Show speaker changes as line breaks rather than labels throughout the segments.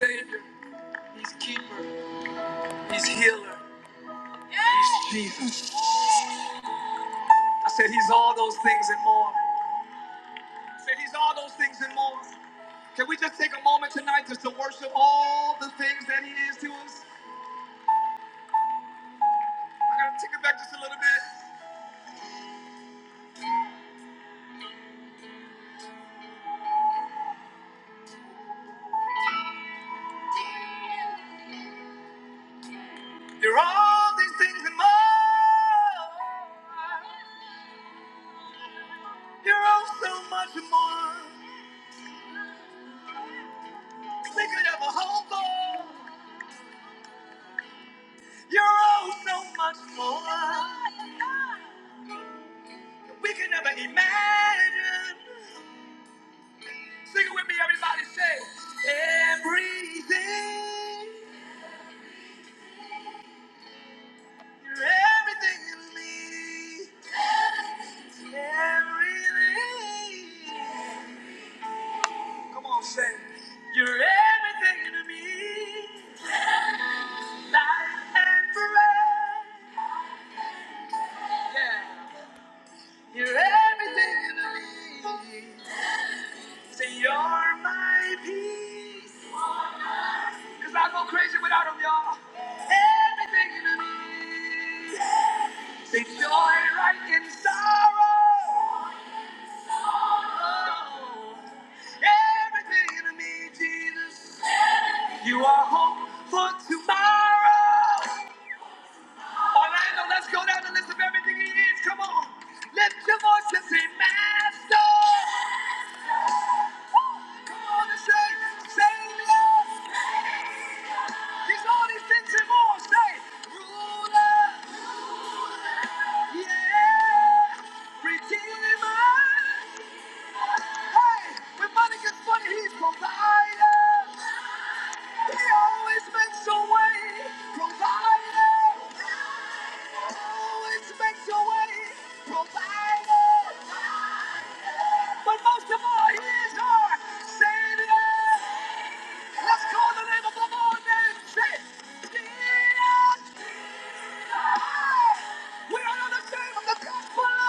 Savior, He's keeper, He's healer, He's Jesus. I said He's all those things and more. I said He's all those things and more. Can we just take a moment tonight just to worship all the things that He is to us? I gotta take it back just a little bit. You're all these things and more. You're all so much more. We could have a whole goal. You're all so much more. We could never imagine. Sing it with me, everybody. Say, everything, you're everything to me. Everything. Come on, say, you're everything to me. Life and forever. Yeah. You're everything to me. Say, you're my peace. Cause I go crazy without 'em, y'all. Everything to me. They joy right in sorrow. Oh, Everything in me, Jesus. You are hope for tomorrow. Orlando, let's go down the list of everything he is. Come on. Lift your voice and say, Master. Come on and say, Savior. He's all these things and more. Say, Ruler. Yeah. Redeemer. Hey, when money gets funny, he's provided. He always makes a way. Provided. Always makes a way. Provided. But most of all, he is our Savior. Let's call the name of the Lord say, Jesus. We are not ashamed of the gospel.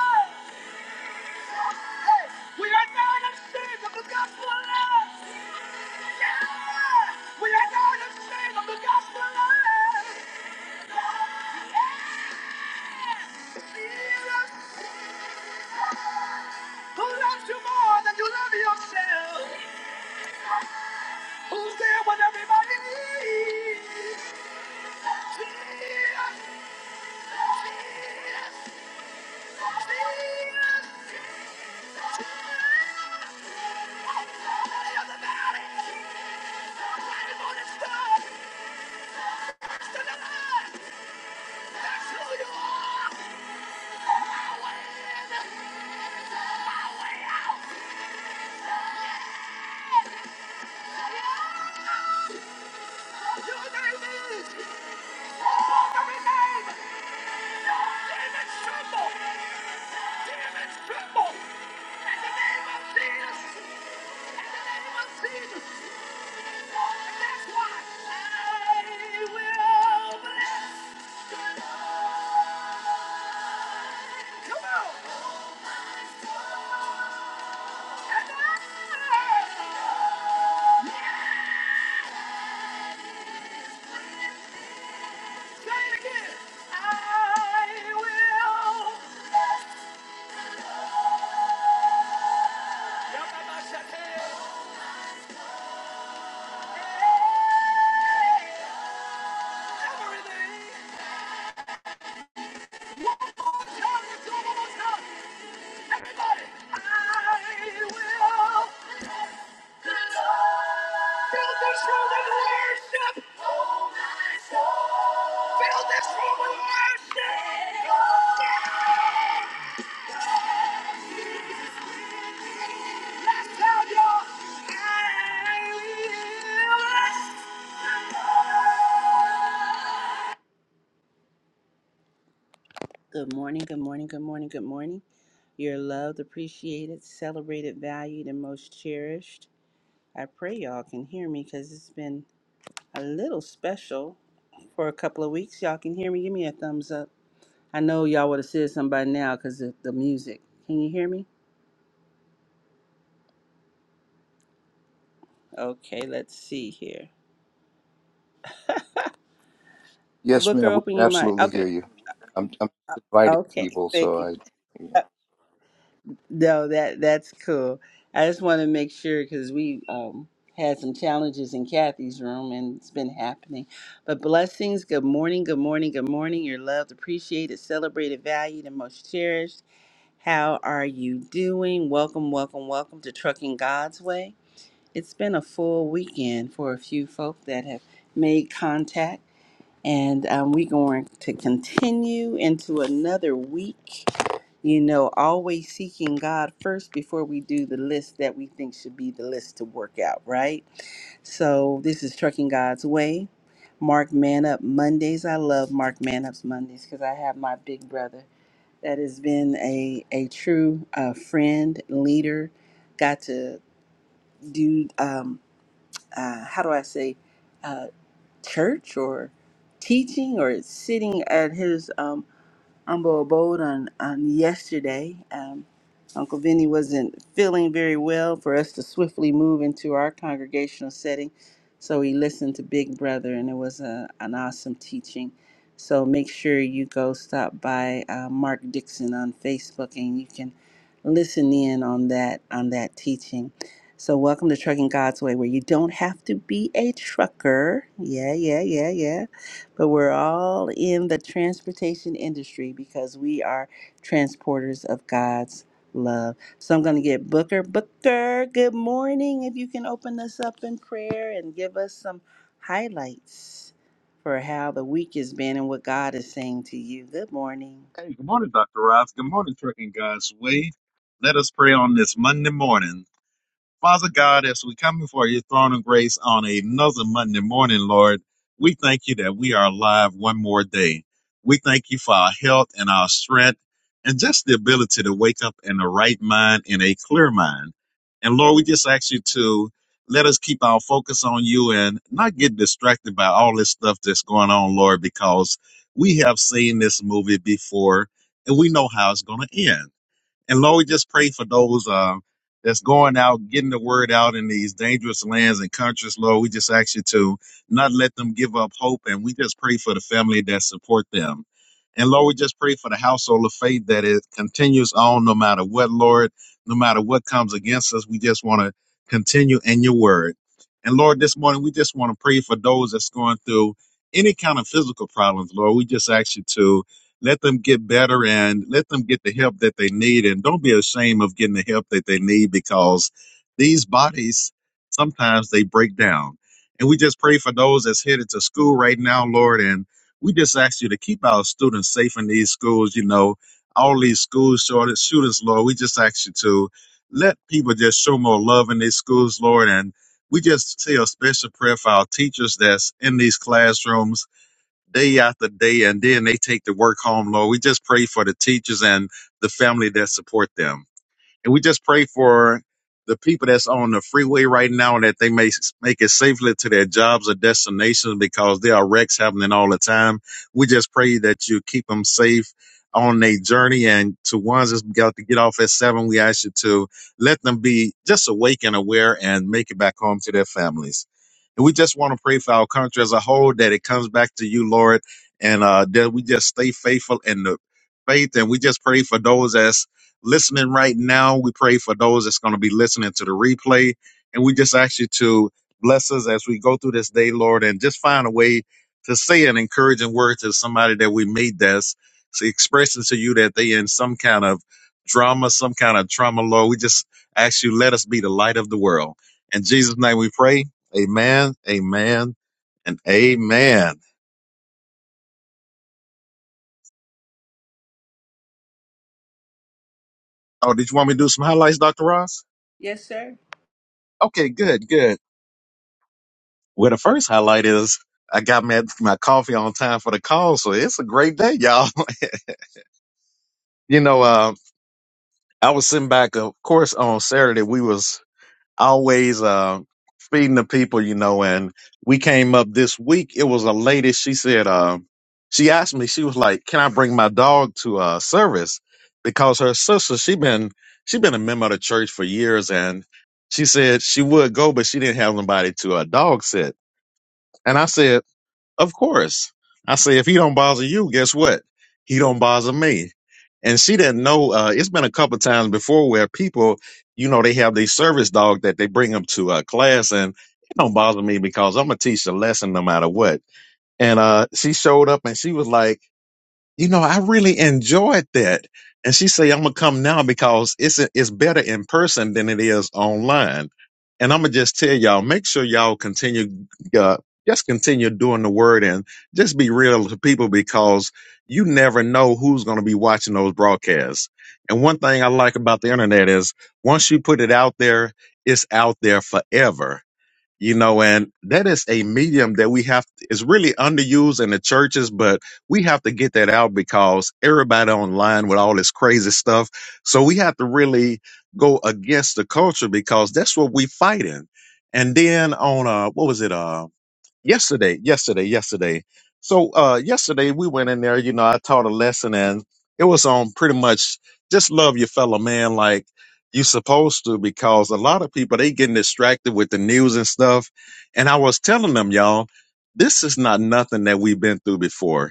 Hey, we are not ashamed of the gospel. We are now the shame the gospel Who loves you more than you love yourself? Who's there when everybody needs? Jesus, Jesus, Jesus. That's who you are! Away, away, out! Everything. Good morning, good morning, good morning, good morning. You're loved, appreciated, celebrated, valued, and most cherished. I pray y'all can hear me because it's been a little special for a couple of weeks. Y'all can hear me. Give me a thumbs up. I know y'all would have said something by now because of the music. Can you hear me? Okay, let's see here.
Yes,
Booker,
ma'am. We
open
can
your mic.
absolutely
Okay.
hear you. I'm, I'm inviting
Okay.
people,
Thank
so
you.
I.
Uh, No, that that's cool. I just want to make sure because we um, had some challenges in Kathy's room and it's been happening. But blessings. Good morning. Good morning. Good morning. You're loved, appreciated, celebrated, valued, and most cherished. How are you doing? Welcome, welcome, welcome to Trucking God's Way. It's been a full weekend for a few folk that have made contact, and um, we're going to continue into another week. You know, always seeking God first before we do the list that we think should be the list to work out, right? So, this is Trucking God's Way. Mark Man Up Mondays. I love Mark Man Up's Mondays because I have my big brother that has been a, a true uh, friend, leader, got to do, um, uh, how do I say, uh, church or teaching or sitting at his um, Humble Abode on, on yesterday. Um, Uncle Vinny wasn't feeling very well for us to swiftly move into our congregational setting. So he listened to Big Brother, and it was a, an awesome teaching. So make sure you go stop by uh, Mark Dixon on Facebook, and you can listen in on that on that teaching. So welcome to Trucking God's Way, where you don't have to be a trucker. Yeah, yeah, yeah, yeah but we're all in the transportation industry because we are transporters of God's love. So I'm going to get Booker. Booker, good morning. If you can open us up in prayer and give us some highlights for how the week has been and what God is saying to you. Good morning.
Hey, good morning, Dr. Ross. Good morning, Trucking God's Way. Let us pray on this Monday morning. Father God, as we come before your throne of grace on another Monday morning, Lord, we thank you that we are alive one more day. We thank you for our health and our strength and just the ability to wake up in the right mind in a clear mind. And Lord, we just ask you to let us keep our focus on you and not get distracted by all this stuff that's going on, Lord, because we have seen this movie before and we know how it's going to end. And Lord, we just pray for those um, that's going out, getting the word out in these dangerous lands and countries, Lord. We just ask you to not let them give up hope. And we just pray for the family that support them. And Lord, we just pray for the household of faith that it continues on no matter what, Lord, no matter what comes against us. We just want to continue in your word. And Lord, this morning, we just want to pray for those that's going through any kind of physical problems, Lord. We just ask you to let them get better and let them get the help that they need. And don't be ashamed of getting the help that they need because these bodies sometimes they break down. And we just pray for those that's headed to school right now, Lord. And we just ask you to keep our students safe in these schools. You know, all these school shortage shooters, Lord. We just ask you to let people just show more love in these schools, Lord. And we just say a special prayer for our teachers that's in these classrooms day after day, and then they take the work home, Lord. We just pray for the teachers and the family that support them. And we just pray for the people that's on the freeway right now that they may s- make it safely to their jobs or destinations because there are wrecks happening all the time. We just pray that you keep them safe on their journey. And to ones that's got to get off at seven, we ask you to let them be just awake and aware and make it back home to their families. And we just want to pray for our country as a whole that it comes back to you, Lord, and uh, that we just stay faithful in the faith. And we just pray for those as listening right now. We pray for those that's going to be listening to the replay. And we just ask you to bless us as we go through this day, Lord, and just find a way to say an encouraging word to somebody that we meet that's expressing to you that they in some kind of drama, some kind of trauma, Lord. We just ask you, let us be the light of the world. In Jesus' name we pray. Amen, amen, and amen. Oh, did you want me to do some highlights, Dr. Ross?
Yes, sir.
Okay, good, good. Well, the first highlight is I got my, my coffee on time for the call, so it's a great day, y'all. You know, uh, I was sitting back, of course, on Saturday. We was always uh, feeding the people, you know, and we came up this week. It was a lady. She said, uh, she asked me, she was like, "Can I bring my dog to uh, service?" Because her sister, she been she been a member of the church for years, and she said she would go, but she didn't have nobody to a uh, dog sit. And I said. Of course. I say, if he don't bother you, guess what? He don't bother me. And she didn't know. Uh, it's been a couple times before where people, you know, they have these service dog that they bring them to a class, and it don't bother me because I'm gonna teach the lesson no matter what. And uh, she showed up and she was like you know, I really enjoyed that. And she said, I'm gonna come now because it's it's better in person than it is online. And I'm gonna just tell y'all, make sure y'all continue, uh, just continue doing the word and just be real to people because you never know who's gonna be watching those broadcasts. And one thing I like about the internet is once you put it out there, it's out there forever you know and that is a medium that we have is really underused in the churches but we have to get that out because everybody online with all this crazy stuff so we have to really go against the culture because that's what we fight in. and then on uh what was it uh, yesterday, yesterday, yesterday. So uh yesterday we went in there, you know, I taught a lesson and it was on pretty much just love your fellow man like you supposed to because a lot of people they getting distracted with the news and stuff. And I was telling them, y'all, this is not nothing that we've been through before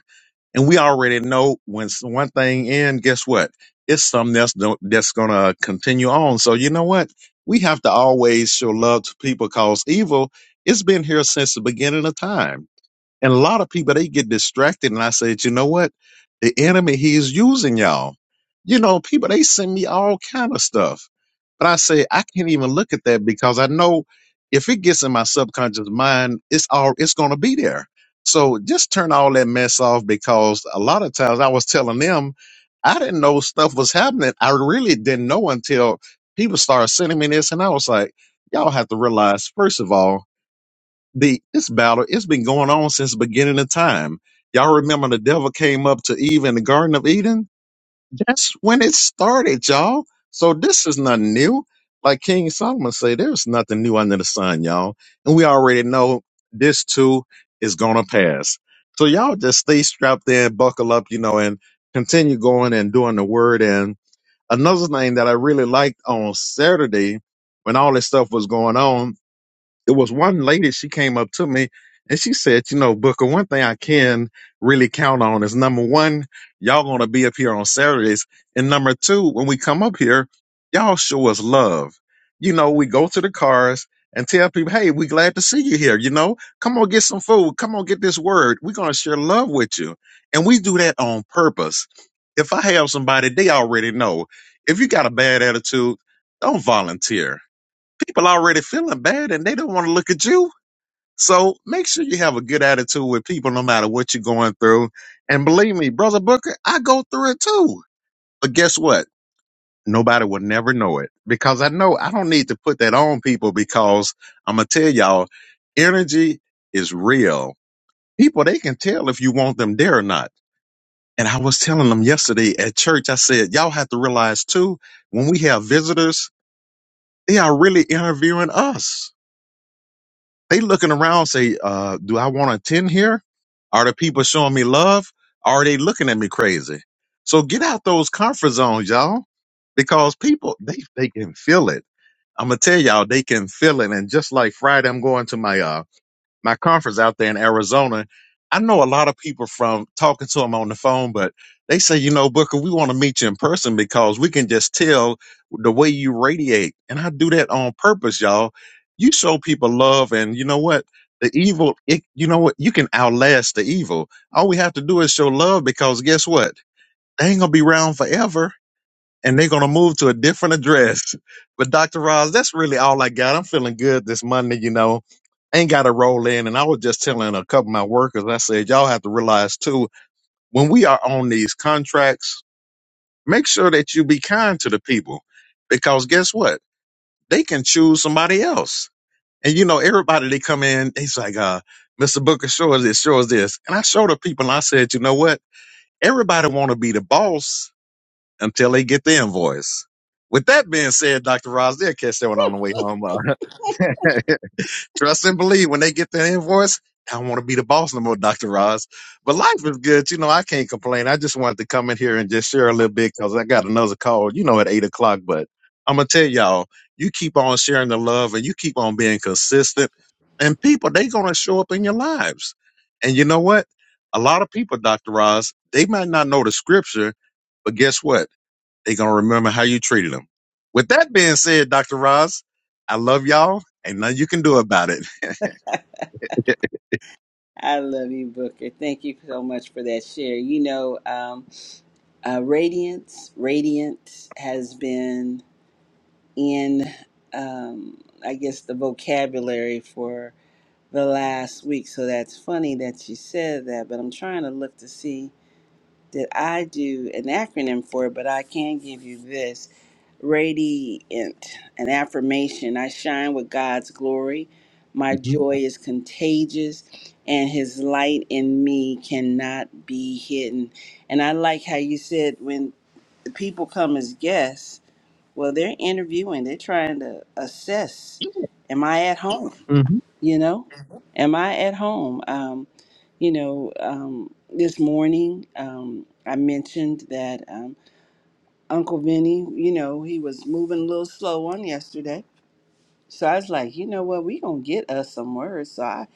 and we already know when s- one thing ends, guess what? It's something that's no- that's gonna continue on. So you know what? We have to always show love to people because evil it's been here since the beginning of time and a lot of people they get distracted, and I said, you know what? The enemy he's using y'all. You know, people they send me all kind of stuff, but I say I can't even look at that because I know if it gets in my subconscious mind, it's all it's gonna be there. So just turn all that mess off because a lot of times I was telling them I didn't know stuff was happening. I really didn't know until people started sending me this, and I was like, y'all have to realize first of all the this battle it's been going on since the beginning of time y'all remember the devil came up to eve in the garden of eden that's when it started y'all so this is nothing new like king solomon said there's nothing new under the sun y'all and we already know this too is gonna pass so y'all just stay strapped in buckle up you know and continue going and doing the word and another thing that i really liked on saturday when all this stuff was going on it was one lady she came up to me and she said you know booker one thing i can really count on is number one y'all gonna be up here on saturdays and number two when we come up here y'all show us love you know we go to the cars and tell people hey we glad to see you here you know come on get some food come on get this word we're gonna share love with you and we do that on purpose if i have somebody they already know if you got a bad attitude don't volunteer people already feeling bad and they don't want to look at you. So make sure you have a good attitude with people no matter what you're going through. And believe me, Brother Booker, I go through it too. But guess what? Nobody will never know it because I know I don't need to put that on people because I'm going to tell y'all energy is real. People, they can tell if you want them there or not. And I was telling them yesterday at church, I said, y'all have to realize too, when we have visitors, they are really interviewing us They looking around, say, uh, do I want to attend here? Are the people showing me love? Are they looking at me crazy? So get out those comfort zones, y'all, because people they they can feel it. I'm gonna tell y'all they can feel it. And just like Friday, I'm going to my uh my conference out there in Arizona. I know a lot of people from talking to them on the phone, but they say, you know, Booker, we want to meet you in person because we can just tell the way you radiate. And I do that on purpose, y'all. You show people love, and you know what? The evil, it, you know what? You can outlast the evil. All we have to do is show love because guess what? They ain't going to be around forever and they're gonna move to a different address. But Dr. Roz, that's really all I got. I'm feeling good this Monday, you know. Ain't got to roll in. And I was just telling a couple of my workers, I said, y'all have to realize too, when we are on these contracts, make sure that you be kind to the people. Because guess what? They can choose somebody else. And you know, everybody they come in, they's like, uh, Mr. Booker, show us this, show us this. And I showed the people and I said, you know what? Everybody wanna be the boss until they get the invoice. With that being said, Dr. Ross, they'll catch that one on the way home. Uh, trust and believe when they get the invoice, I don't want to be the boss no more, Dr. Ross. But life is good. You know, I can't complain. I just wanted to come in here and just share a little bit because I got another call, you know, at eight o'clock. But I'm going to tell y'all, you keep on sharing the love and you keep on being consistent. And people, they going to show up in your lives. And you know what? A lot of people, Dr. Ross, they might not know the scripture, but guess what? They're gonna remember how you treated them. With that being said, Dr. Roz, I love y'all, and nothing you can do about it.
I love you, Booker. Thank you so much for that share. You know, um, uh, Radiance, Radiant has been. in, um, I guess, the vocabulary for the last week. So that's funny that you said that, but I'm trying to look to see that I do an acronym for it, but I can give you this radiant, an affirmation. I shine with God's glory. My
Mhm.
joy is contagious, and his light in me cannot be hidden. And I like how you said when the people come as guests, well, they're interviewing, they're trying to assess am I at home? You know, Mhm. am I at home? Um, you know, um, this morning um, I mentioned that um, Uncle Vinny, you know, he was moving a little slow on yesterday. So I was like, you know what, we gonna get us some words. So I,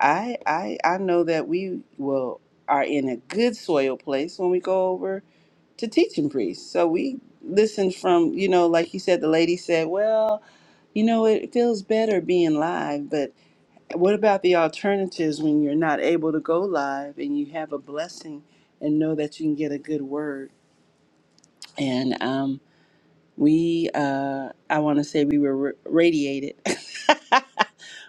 I, I, I know that we will are in a good soil place when we go over to teaching priest. So we listened from, you know, like you said, the lady said, well, you know, it feels better being live, but what about the alternatives when you're not able to go live and you have a blessing and know that you can get a good word? And um, we, uh, I want to say we were ra- radiated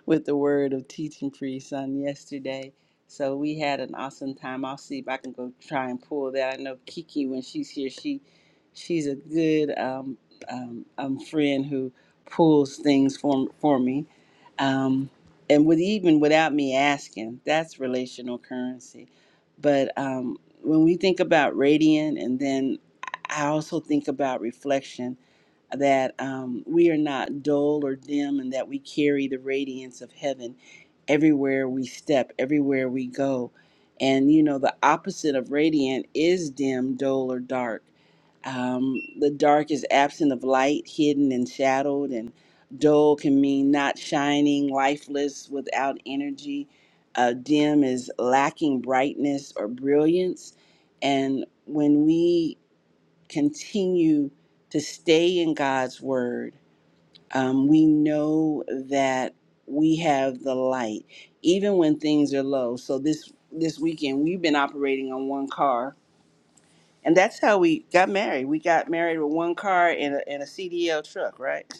with the word of teaching for your son yesterday. So we had an awesome time. I'll see if I can go try and pull that. I know Kiki, when she's here, she she's a good um, um, um, friend who pulls things for for me, um, and with even without me asking. That's relational currency. But um, when we think about radiant, and then I also think about reflection that um, we are not dull or dim and that we carry the radiance of heaven everywhere we step, everywhere we go. And you know, the opposite of radiant is dim, dull, or dark. Um, the dark is absent of light, hidden and shadowed, and dull can mean not shining, lifeless, without energy. Uh, dim is lacking brightness or brilliance. And when we continue to stay in God's word. Um, we know that we have the light, even when things are low. So this this weekend, we've been operating on one car, and that's how we got married. We got married with one car and a, and a C D L truck, right?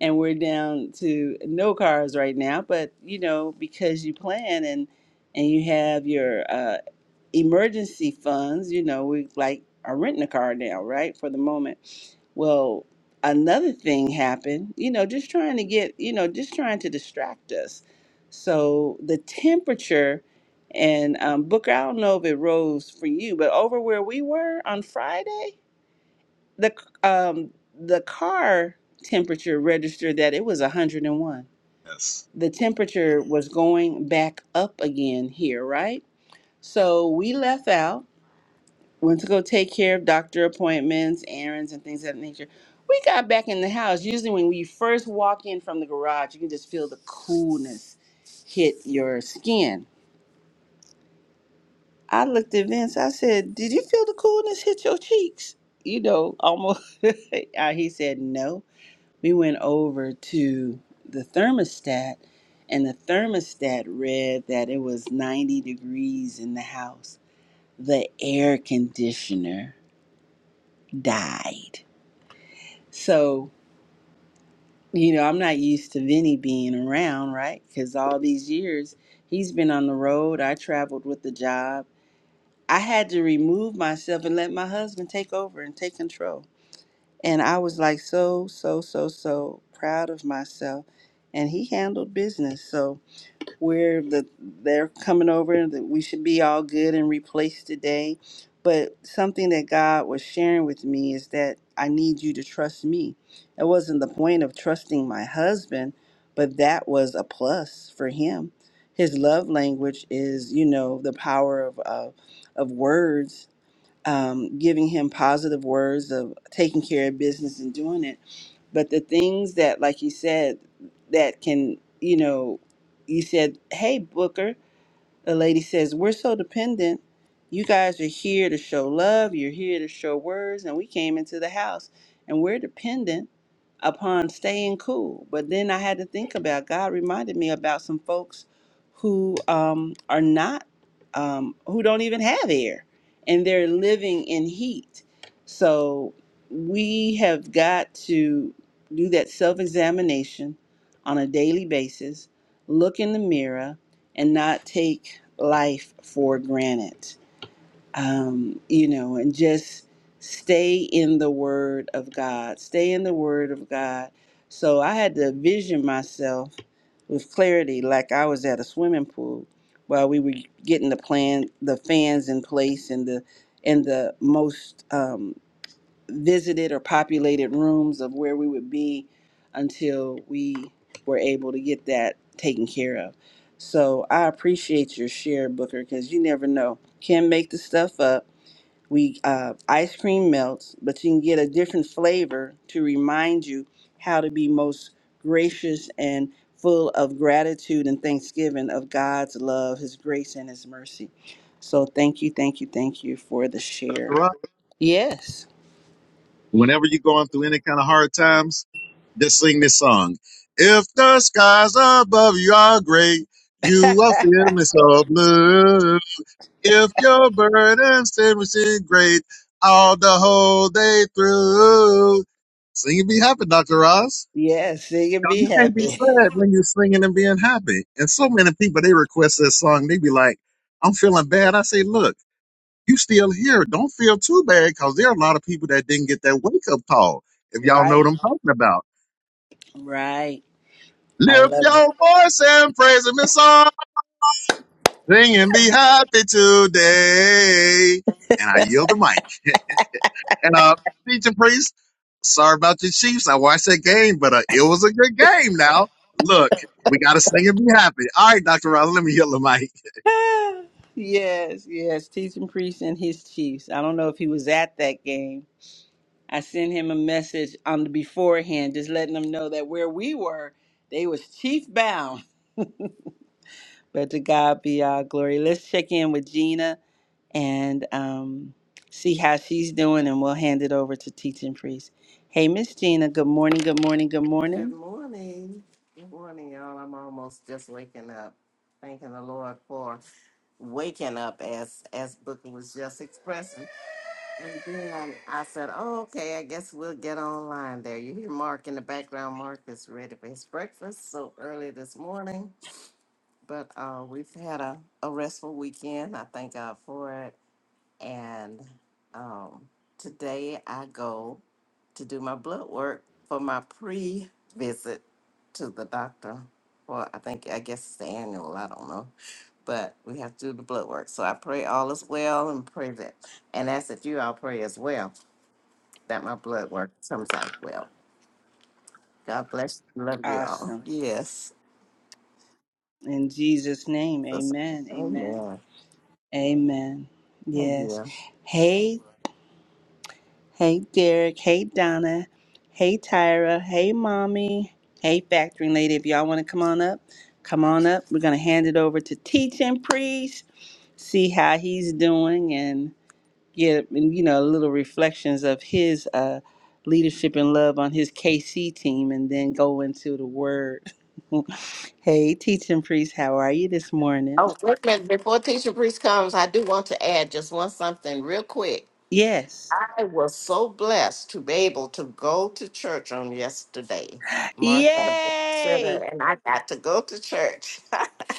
And we're down to no cars right now, but you know because you plan and and you have your uh, emergency funds, you know, we like are renting a car now, right? For the moment. Well, another thing happened, you know, just trying to get, you know, just trying to distract us. So the temperature and um, Booker, I don't know if it rose for you, but over where we were on Friday, the um, the car temperature registered that it was 101.
Yes,
The temperature was going back up again here, right? So we left out went to go take care of doctor appointments, errands, and things of that nature. We got back in the house. Usually, when you first walk in from the garage, you can just feel the coolness hit your skin. I looked at Vince. I said, "Did you feel the coolness hit your cheeks?" You know, almost. Uh, he said, "No." We went over to the thermostat, and the thermostat read that it was 90 degrees in the house. The air conditioner died. So, you know, I'm not used to Vinny being around, right? Because all these years he's been on the road. I traveled with the job. I had to remove myself and let my husband take over and take control. And I was like so, so, so, so proud of myself. And he handled business. So, where the they're coming over that we should be all good and replaced today but something that god was sharing with me is that i need you to trust me it wasn't the point of trusting my husband but that was a plus for him his love language is you know the power of of, of words um, giving him positive words of taking care of business and doing it but the things that, like you said, that can, you know, you said, hey, Booker, a lady says, We're so dependent. You guys are here to show love, you're here to show words, and we came into the house and we're dependent upon staying cool. But then I had to think about God reminded me about some folks who um, are not, um, who don't even have air and they're living in heat. So we have got to do that self examination on a daily basis, look in the mirror, and not take life for granted. Um, you know, and just stay in the Word of God. Stay in the Word of God. So I had to vision myself with clarity, like I was at a swimming pool while we were getting the plan, the fans in place, and the and the most um, visited or populated rooms of where we would be until we were able to get that taken care of. So I appreciate your share, Booker, because you never know. Can not make the stuff up. We uh, ice cream melts, but you can get a different flavor to remind you how to be most gracious and full of gratitude and thanksgiving of God's love, His grace, and His mercy. So thank you, thank you, thank you for the share.
Dr. Roz.
Yes.
Whenever you're going through any kind of hard times, just sing this song. If the skies above you are gray, you will feel me so blue. If your burden's seem we great all the whole day through. Sing and be happy, Dr. Roz.
Yes, sing and
Y'all,
be
You can't be
happy.
sad when you're singing and being happy. And so many people they request this song. They be like, "I'm feeling bad." I say, "Look, you still here. Don't feel too bad, because there are a lot of people that didn't get that wake up call. If y'all know what
Right,
I'm talking about,
right. I
lift
love it.
your voice and praise Him in song. Sing and be happy today." And I yield the mic. And uh, teaching priest, sorry about the Chiefs. I watched that game, but uh, it was a good game. Now, look, we got to sing and be happy. All right, Doctor Ross, let me yield the mic.
Ah, yes, yes. Teaching priest and his chiefs. I don't know if he was at that game. I sent him a message on the beforehand, just letting him know that where we were, they was chief bound. But to God be all glory. Let's check in with Gina and um, see how she's doing, and we'll hand it over to teaching priest. Hey, Miss Gina. Good morning. Good morning. Good morning.
Good morning. Good morning, y'all. I'm almost just waking up. Thanking the Lord for waking up as as Booker was just expressing. And then I said, Oh, okay, I guess we'll get online there. You hear Mark in the background. Mark is ready for his breakfast so early this morning. But uh we've had a, a restful weekend. I thank God for it. And um today I go to do my blood work for my pre visit to the doctor. Well, I think, I guess it's the annual, I don't know. But we have to do the blood work. So I pray all is well and pray that. And ask that you all pray as well that my blood work comes out well. God bless you. Love you all.
Awesome.
Yes.
In Jesus' name,
So sorry.
amen. Amen.
Amen.
Amen.
Oh,
Yes.
yeah.
Hey, hey, Derek. Hey, Donna. Hey, Tyra. Hey, Mommy. Hey, Factoring Lady. If y'all want to come on up, come on up. We're going to hand it over to Teaching Priest, see how he's doing, and get, you know, little reflections of his uh, leadership and love on his KC team, and then go into the Word. hey, Teaching Priest, how are you this morning?
Oh, wait a minute. Before teacher priest comes, I do want to add just one something real quick
Yes.
I was so blessed to be able to go to church on yesterday. Martha Center,
Yay!
and I got to go to church. I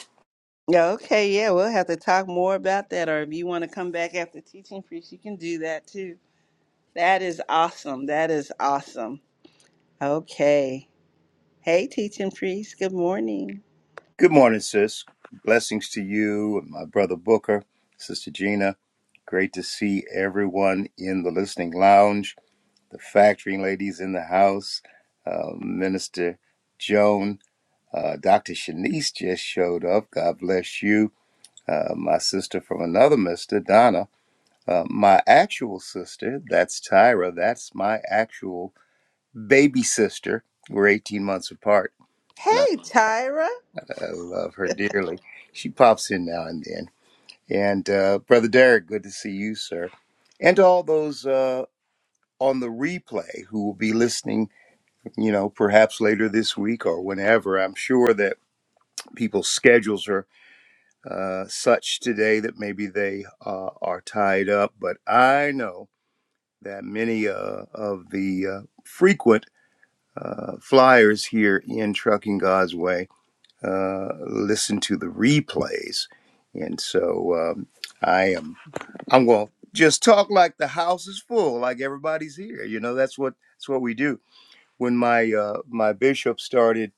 Yeah, okay, yeah, we'll have to talk more about that. Or if you want to come back after teaching priest, you can do that too. That is awesome. That is awesome. Okay. Hey, teaching priest, good morning.
Good morning, sis. Blessings to you and my brother Booker, sister Gina. Great to see everyone in the listening lounge, the factoring ladies in the house, uh, Minister Joan, uh, Dr. Shanice just showed up. God bless you. Uh, my sister from another mister, Donna. Uh, my actual sister, that's Tyra. That's my actual baby sister. We're 18 months apart, and I,
Hey, Tyra.
I love her dearly. She pops in now and then. And uh, Brother Derek, good to see you, sir. And to all those uh, on the replay who will be listening, you know, perhaps later this week or whenever. I'm sure that people's schedules are uh, such today that maybe they uh, are tied up, but I know that many uh, of the uh, frequent uh, flyers here in Trucking God's Way uh, listen to the replays. And so um, I am. I'm going to just talk like the house is full, like everybody's here. You know, that's what that's what we do. When my uh, my bishop started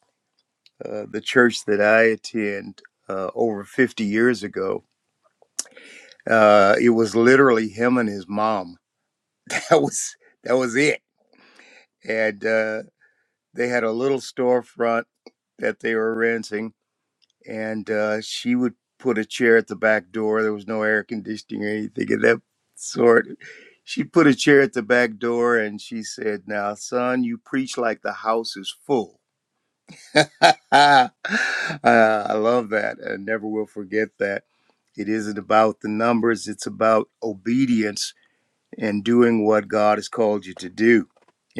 uh, the church that I attend uh, over 50 years ago, uh, it was literally him and his mom. That was that was it. And uh, they had a little storefront that they were renting and uh, she would put a chair at the back door. There was no air conditioning or anything of that sort. She put a chair at the back door and she said, Now, son, you preach like the house is full. uh, I love that. I never will forget that. It isn't about the numbers, it's about obedience and doing what God has called you to do.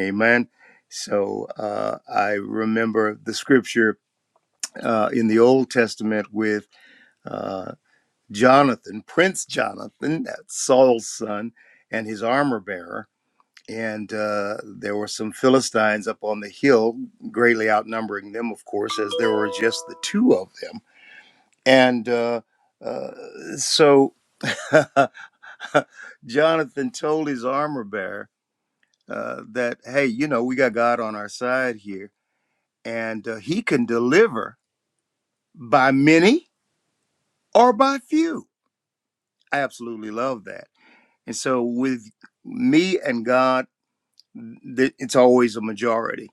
Amen. So uh, I remember the scripture uh, in the Old Testament with uh, Jonathan, Prince Jonathan, that's Saul's son, and his armor bearer. And uh, there were some Philistines up on the hill, greatly outnumbering them, of course, as there were just the two of them. And uh, uh, so Jonathan told his armor bearer uh, that, hey, you know, we got God on our side here, and uh, he can deliver by many or by few. I absolutely love that And so with me and God, th- it's always a majority.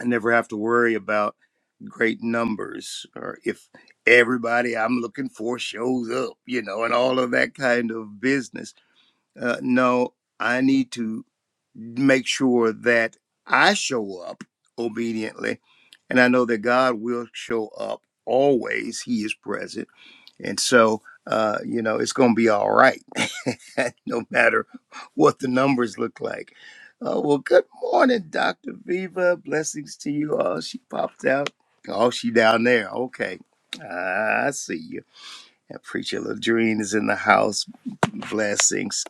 I never have to worry about great numbers or if everybody I'm looking for shows up, you know, and all of that kind of business uh, no, I need to make sure that I show up obediently. And I know that God will show up always, He is present. And so, uh, you know, it's going to be all right, no matter what the numbers look like. Uh, well, good morning, Dr. Viva. Blessings to you all. She popped out. Oh, she down there. Okay. I see you. And Preacher Ladrine is in the house. Blessings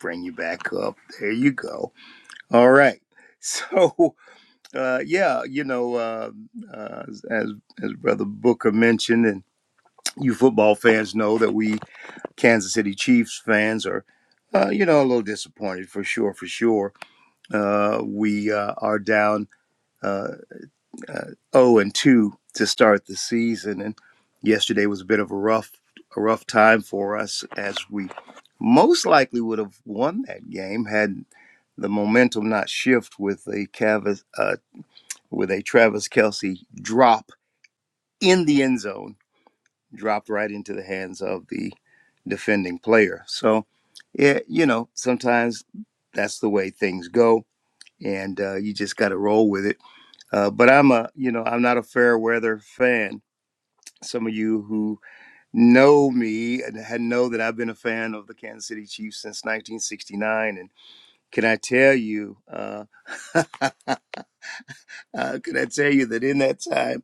bring you back up. There you go. All right. So, uh, yeah, you know, uh, uh, as as Brother Booker mentioned, and you football fans know that we Kansas City Chiefs fans are, uh, you know, a little disappointed for sure. For sure, uh, we uh, are down. uh, uh, 0 and 2 to start the season. And yesterday was a bit of a rough, a rough time for us as we most likely would have won that game had the momentum not shift with a Cavas, uh, with a Travis Kelsey drop in the end zone, dropped right into the hands of the defending player. So, yeah, you know, sometimes that's the way things go, and uh, you just got to roll with it uh, but I'm a, you know, I'm not a fair weather fan. Some of you who know me and had- know that I've been a fan of the Kansas City Chiefs since 1969. And can I tell you, uh, uh, can I tell you that in that time,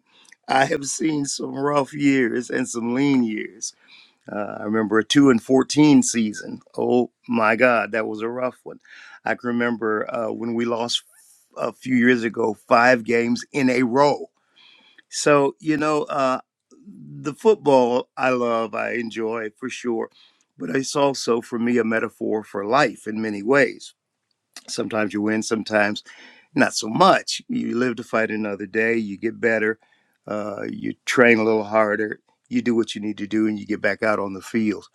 I have seen some rough years and some lean years. Uh, I remember a two and fourteen season. Oh my God, that was a rough one. I can remember uh, when we lost a few years ago, five games in a row So, you know, uh, the football I love, I enjoy for sure, but it's also for me a metaphor for life in many ways. Sometimes you win, sometimes not so much. You live to fight another day, you get better, uh, you train a little harder, you do what you need to do, and you get back out on the field.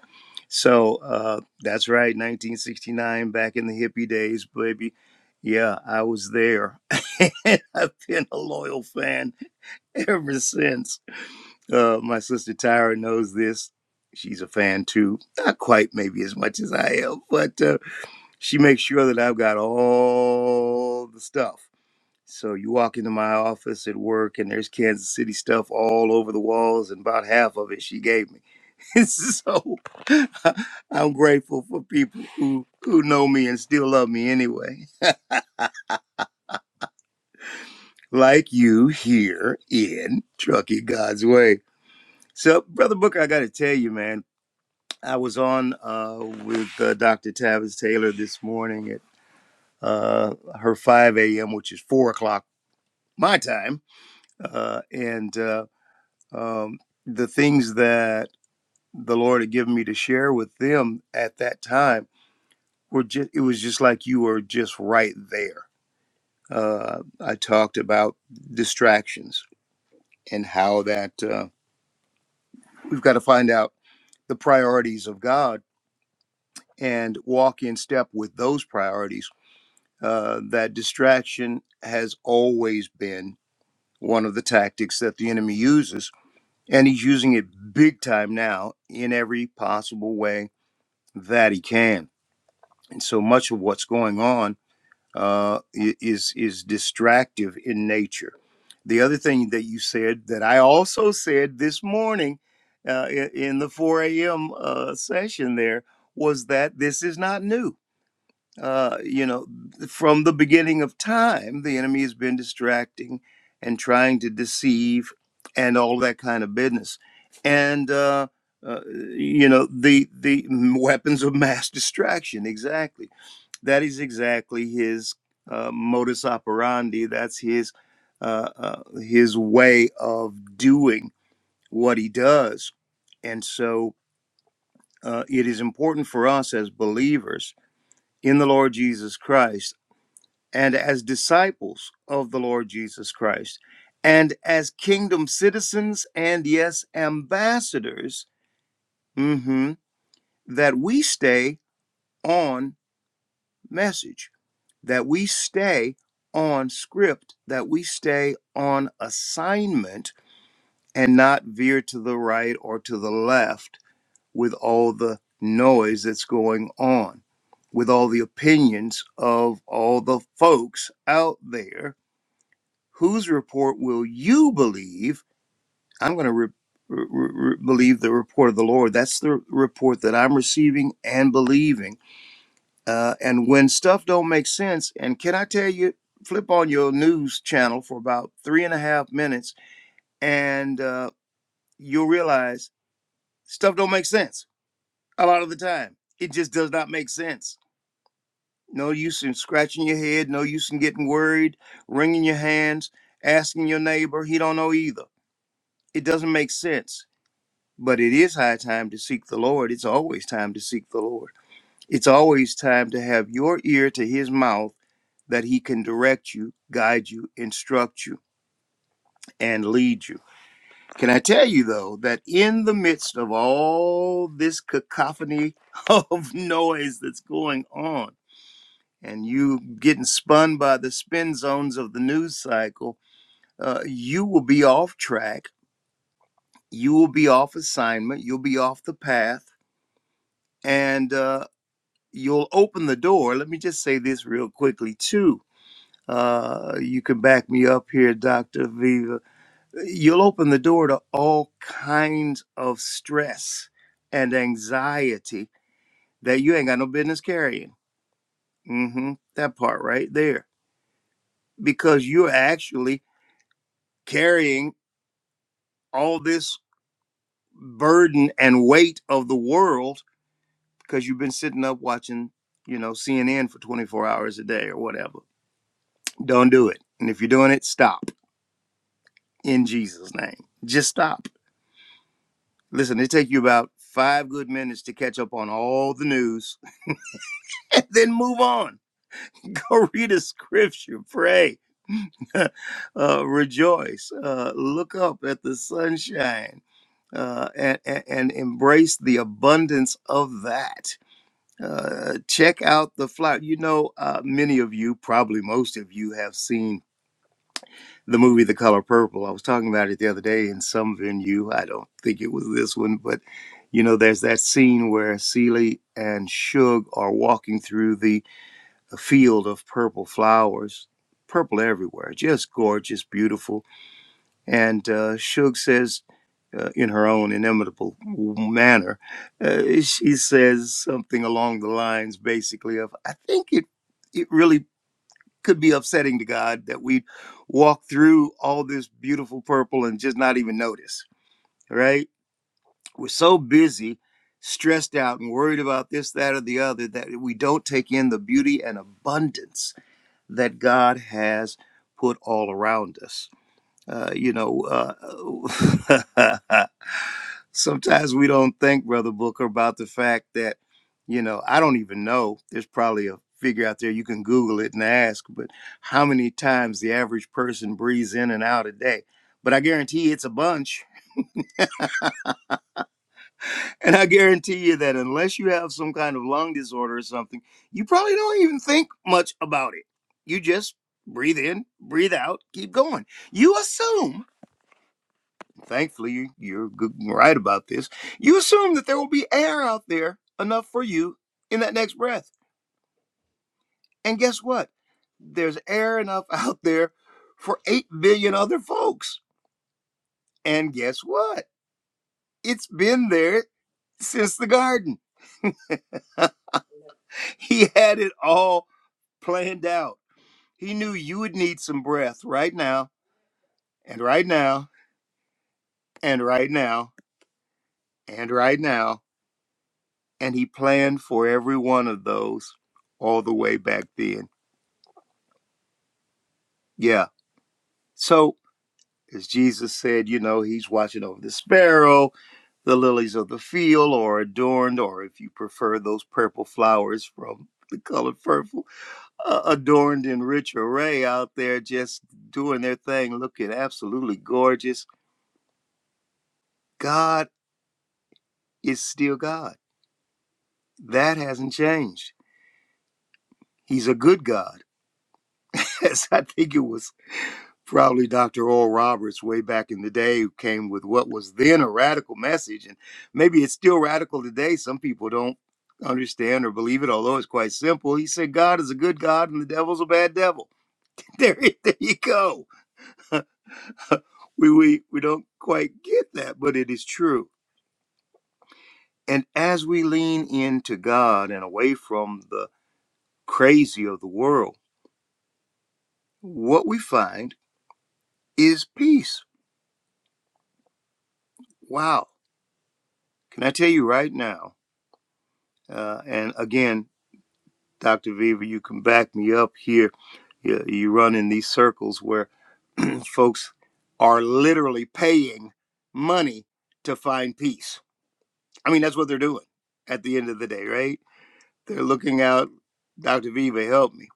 So uh, that's right, 1969, back in the hippie days, baby. Yeah, I was there. I've been a loyal fan ever since. Uh, my sister Tyra knows this. She's a fan too. Not quite, maybe as much as I am, but uh, she makes sure that I've got all the stuff. So you walk into my office at work, and there's Kansas City stuff all over the walls, and about half of it she gave me. so I'm grateful for people who who know me and still love me anyway, like you here in Trucking God's Way. So, brother Booker, I got to tell you, man. I was on uh, with uh, Dr. Tavis Taylor this morning at uh, her 5 a.m., which is 4 o'clock my time. Uh, and uh, um, the things that the Lord had given me to share with them at that time were just, it was just like you were just right there. Uh, I talked about distractions and how that uh, we've got to find out the priorities of God and walk in step with those priorities uh, that distraction has always been one of the tactics that the enemy uses, and he's using it big time now in every possible way that he can. And so much of what's going on uh, i- is is distractive in nature. The other thing that you said that I also said this morning uh, i- in the 4 a.m. Uh, session there was that this is not new uh, you know, from the beginning of time, the enemy has been distracting and trying to deceive and all that kind of business. And, uh, uh, you know, the, the weapons of mass distraction, exactly. That is exactly his uh, modus operandi. That's his, uh, uh, his way of doing what he does. And so uh, it is important for us as believers in the Lord Jesus Christ and as disciples of the Lord Jesus Christ, and as kingdom citizens and, yes, ambassadors, mhm, that we stay on message, that we stay on script, that we stay on assignment and not veer to the right or to the left with all the noise that's going on, with all the opinions of all the folks out there whose report will you believe? I'm going to re- re- re- believe the report of the Lord. That's the report that I'm receiving and believing. Uh, and when stuff don't make sense, and can I tell you, flip on your news channel for about three and a half minutes, and uh, you'll realize stuff don't make sense a lot of the time. It just does not make sense. No use in scratching your head. No use in getting worried, wringing your hands, asking your neighbor. He don't know either. It doesn't make sense But it is high time to seek the Lord. It's always time to seek the Lord. It's always time to have your ear to his mouth that he can direct you, guide you, instruct you, and lead you. Can I tell you, though, that in the midst of all this cacophony of noise that's going on, and you getting spun by the spin zones of the news cycle, uh, you will be off track. You will be off assignment. You'll be off the path. And uh, you'll open the door. Let me just say this real quickly, too. Uh, you can back me up here, Dr. Viva. You'll open the door to all kinds of stress and anxiety that you ain't got no business carrying. hmm That part right there. Because you're actually carrying all this burden and weight of the world because you've been sitting up watching, you know, CNN for 24 hours a day or whatever. Don't do it. And if you're doing it, stop in Jesus' name. Just stop. Listen, it take you about five good minutes to catch up on all the news, and then move on. Go read a scripture, pray, uh, rejoice, uh, look up at the sunshine, uh, and, and, and embrace the abundance of that. Uh, check out the flower. You know, uh, many of you, probably most of you, have seen the movie The Color Purple. I was talking about it the other day in some venue. I don't think it was this one, but you know, there's that scene where Celie and Suge are walking through the, the field of purple flowers, purple everywhere, just gorgeous, beautiful. And uh, Suge says, uh, in her own inimitable manner, uh, she says something along the lines, basically, of, I think it. It really could be upsetting to God that we walk through all this beautiful purple and just not even notice, right? We're so busy, stressed out, and worried about this, that, or the other that we don't take in the beauty and abundance that God has put all around us. Uh, you know, uh, sometimes we don't think, Brother Booker, about the fact that, you know, I don't even know. There's probably a figure out there you can Google it and ask, but how many times the average person breathes in and out a day? But I guarantee you it's a bunch. And I guarantee you that unless you have some kind of lung disorder or something, you probably don't even think much about it. You just breathe in, breathe out, keep going. You assume. thankfully you're good, and right about this. You assume that there will be air out there enough for you in that next breath. And guess what? There's air enough out there for 8 billion other folks. And guess what? It's been there since the garden. He had it all planned out. He knew you would need some breath right now, and right now, and right now, and right now. And he planned for every one of those all the way back then. Yeah So, as Jesus said, you know, he's watching over the sparrow, the lilies of the field are adorned, or if you prefer, those purple flowers from the color purple, uh, adorned in rich array out there, just doing their thing, looking absolutely gorgeous. God is still God. That hasn't changed. He's a good God, as I think it was probably Dr. Oral Roberts way back in the day who came with what was then a radical message. And maybe it's still radical today. Some people don't understand or believe it, although it's quite simple. He said, God is a good God and the devil's a bad devil. There, there you go. We, we, we don't quite get that, but it is true. And as we lean into God and away from the crazy of the world, what we find is peace. Wow. Can I tell you right now? Uh, and again, Dr. Viva, you can back me up here. You, you run in these circles where folks are literally paying money to find peace. I mean, that's what they're doing at the end of the day, right? They're looking out, Dr. Viva, help me.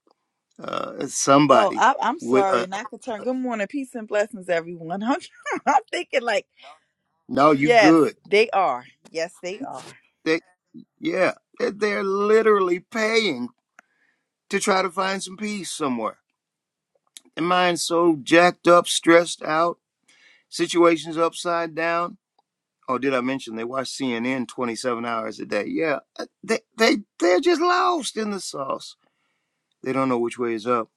Uh,
Oh,
somebody
I, I'm
with
sorry,
a,
and I could turn. Good morning, peace and blessings, everyone. I'm, I'm thinking like,
no, you
yes,
good.
they are. Yes, they are.
They, yeah, they're literally paying to try to find some peace somewhere. And mine's so jacked up, stressed out, situations upside down Oh, did I mention they watch CNN 27 hours a day? Yeah, uh, they they they're just lost in the sauce. They don't know which way is up.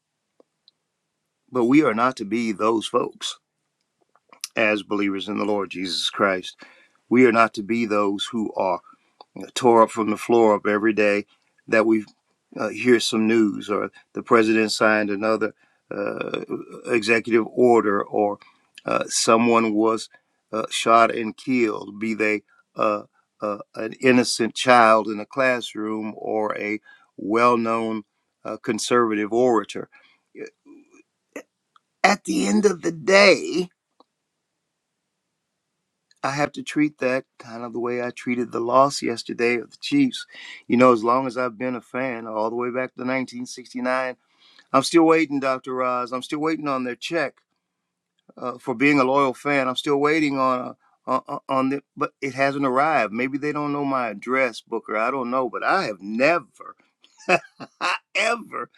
But we are not to be those folks as believers in the Lord Jesus Christ. We are not to be those who are tore up from the floor up every day that we uh, hear some news or the president signed another uh, executive order or uh, someone was uh, shot and killed, be they uh, uh, an innocent child in a classroom or a well known uh, conservative orator. At the end of the day, I have to treat that kind of the way I treated the loss yesterday of the Chiefs. You know, as long as I've been a fan, all the way back to 1969, I'm still waiting, Dr. Roz. I'm still waiting on their check uh, for being a loyal fan. I'm still waiting on uh, on, on the, but it hasn't arrived. Maybe they don't know my address, Booker. I don't know, but I have never. ever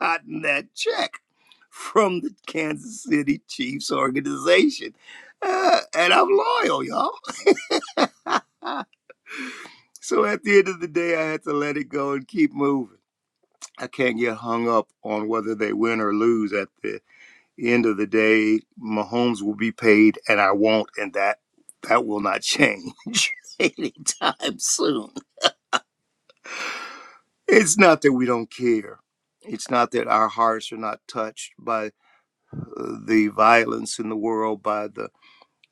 gotten that check from the Kansas City Chiefs organization. Uh, and I'm loyal, y'all. so at the end of the day, I had to let it go and keep moving. I can't get hung up on whether they win or lose. At the end of the day, Mahomes will be paid, and I won't, and that that will not change anytime soon. It's not that we don't care. It's not that our hearts are not touched by uh, the violence in the world, by the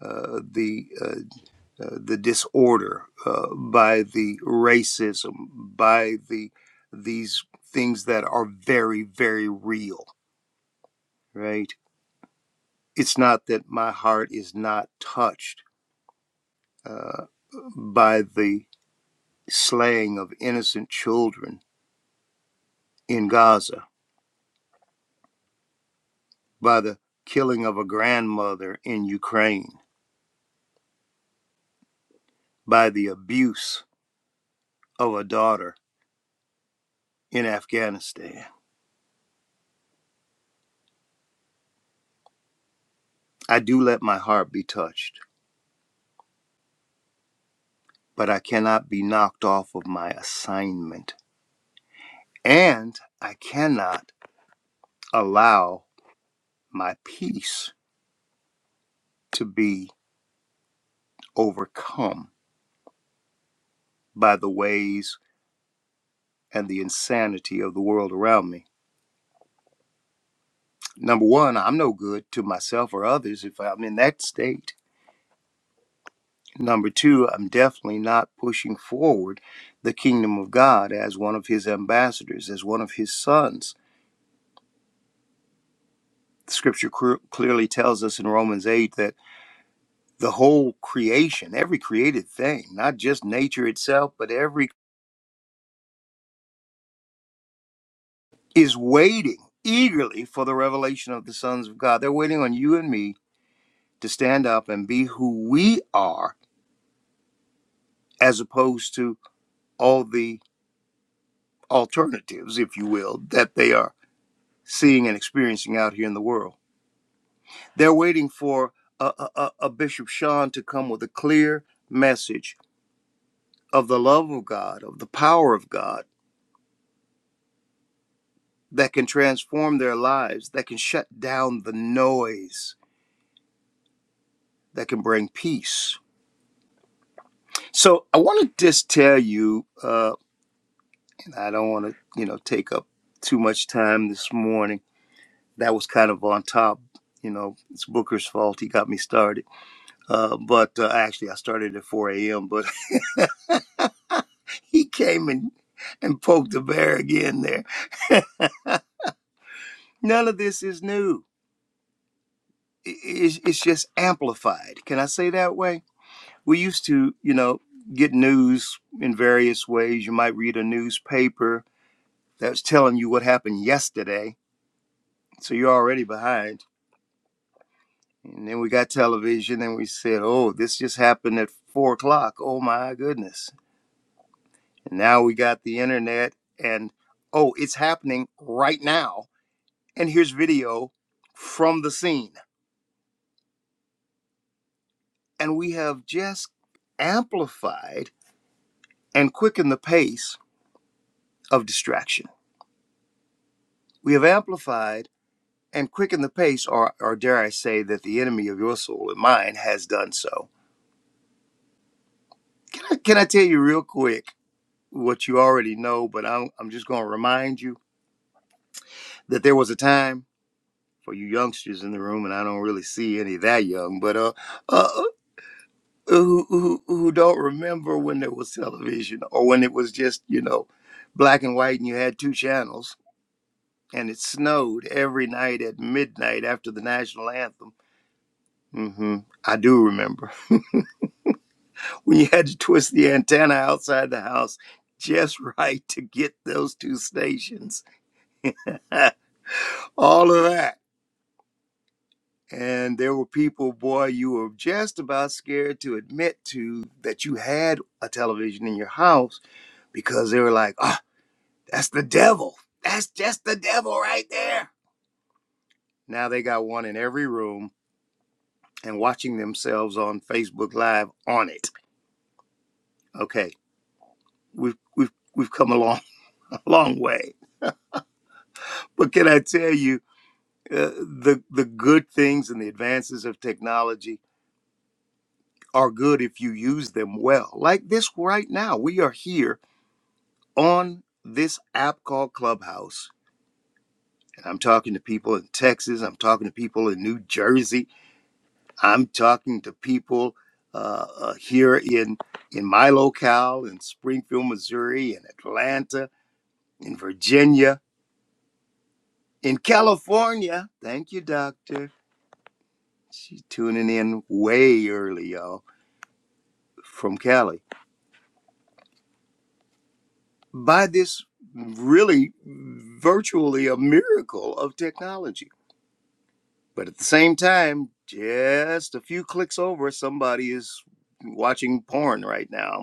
uh, the uh, uh, the disorder, uh, by the racism, by the these things that are very very real. Right? It's not that my heart is not touched uh, by the slaying of innocent children in Gaza, by the killing of a grandmother in Ukraine by the abuse of a daughter in Afghanistan. I do let my heart be touched, but I cannot be knocked off of my assignment. And I cannot allow my peace to be overcome by the ways and the insanity of the world around me. Number one, I'm no good to myself or others if I'm in that state. Number two, I'm definitely not pushing forward the kingdom of God as one of his ambassadors, as one of his sons. Scripture clearly tells us in Romans 8 that the whole creation, every created thing, not just nature itself, but every is waiting eagerly for the revelation of the sons of God. They're waiting on you and me to stand up and be who we are as opposed to all the alternatives, if you will, that they are seeing and experiencing out here in the world. They're waiting for a, a, a Bishop Sean to come with a clear message of the love of God, of the power of God that can transform their lives, that can shut down the noise, that can bring peace. So I want to just tell you, uh, and I don't want to, you know, take up too much time this morning. That was kind of on top. You know, it's Booker's fault. He got me started. Uh, but uh, actually, I started at 4 a.m. But He came and, and poked the bear again there. None of this is new. It's, it's just amplified. Can I say that way? We used to, you know, get news in various ways. You might read a newspaper that was telling you what happened yesterday, so you're already behind. And then we got television and we said, oh, this just happened at four o'clock. Oh my goodness. And now we got the internet and, oh, it's happening right now And here's video from the scene. And we have just amplified and quickened the pace of distraction. We have amplified and quickened the pace, or, or dare I say, that the enemy of your soul and mine has done so. Can I, can I tell you real quick what you already know, but I'm, I'm just going to remind you that there was a time for you youngsters in the room, and I don't really see any that young, but uh, uh. who, who who don't remember when there was television or when it was just you know black and white and you had two channels and it snowed every night at midnight after the national anthem hmm i do remember when you had to twist the antenna outside the house just right to get those two stations all of that and there were people boy you were just about scared to admit to that you had a television in your house because they were like oh, That's the devil. That's just the devil right there. Now they got one in every room and watching themselves on Facebook Live on it. Okay, we've we've we've come a long a long way. But can I tell you, uh, the the good things and the advances of technology are good if you use them well. Like this right now, we are here on this app called Clubhouse. And I'm talking to people in Texas. I'm talking to people in New Jersey. I'm talking to people uh, uh, here in in my locale in Springfield, Missouri, in Atlanta, in Virginia, in California. Thank you, Doctor. She's tuning in way early, y'all, from Cali. By this really virtually a miracle of technology. But at the same time, just a few clicks over, somebody is watching porn right now.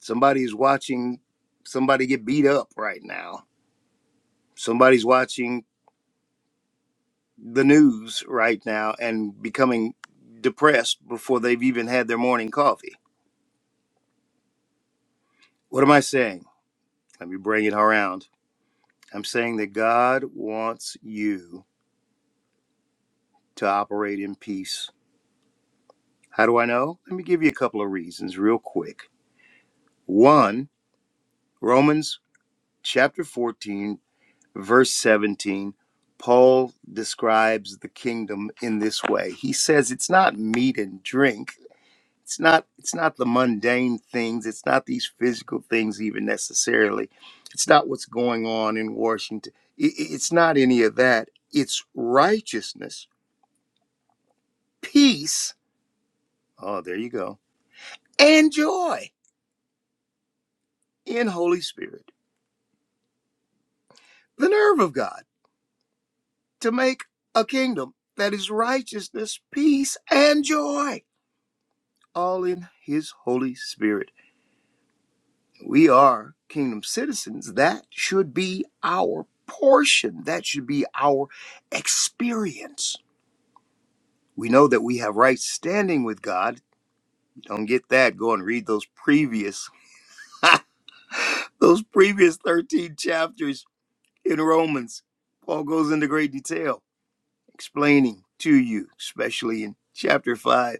Somebody's watching somebody get beat up right now. Somebody's watching the news right now and becoming depressed before they've even had their morning coffee. What am I saying? Let me bring it around. I'm saying that God wants you to operate in peace. How do I know? Let me give you a couple of reasons real quick. One, Romans chapter 14 verse 17, Paul describes the kingdom in this way. He says it's not meat and drink. It's not it's not the mundane things. It's not these physical things even necessarily. It's not what's going on in Washington. I- i- It's not any of that. It's righteousness, peace. Oh, there you go. And joy in Holy Spirit. The nerve of God to make a kingdom that is righteousness, peace, and joy. all in His Holy Spirit. We are kingdom citizens. That should be our portion, that should be our experience. We know that we have right standing with God. you don't get that, go and read those previous those previous 13 chapters in Romans. Paul goes into great detail explaining to you, especially in chapter 5,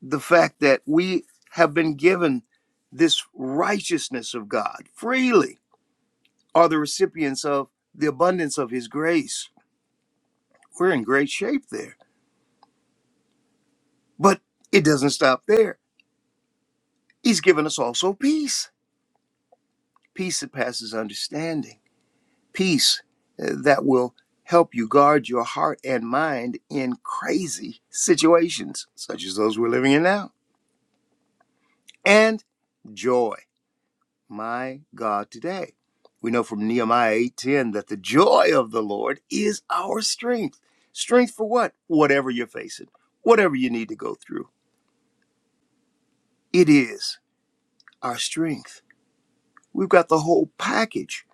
the fact that we have been given this righteousness of God freely are the recipients of the abundance of his grace. We're in great shape there. But it doesn't stop there. He's given us also peace, peace that passes understanding, peace uh, that will help you guard your heart and mind in crazy situations, such as those we're living in now, and joy my God today. We know from Nehemiah 8:10 that the joy of the Lord is our strength. Strength for what? Whatever you're facing, whatever you need to go through. It is our strength. We've got the whole package.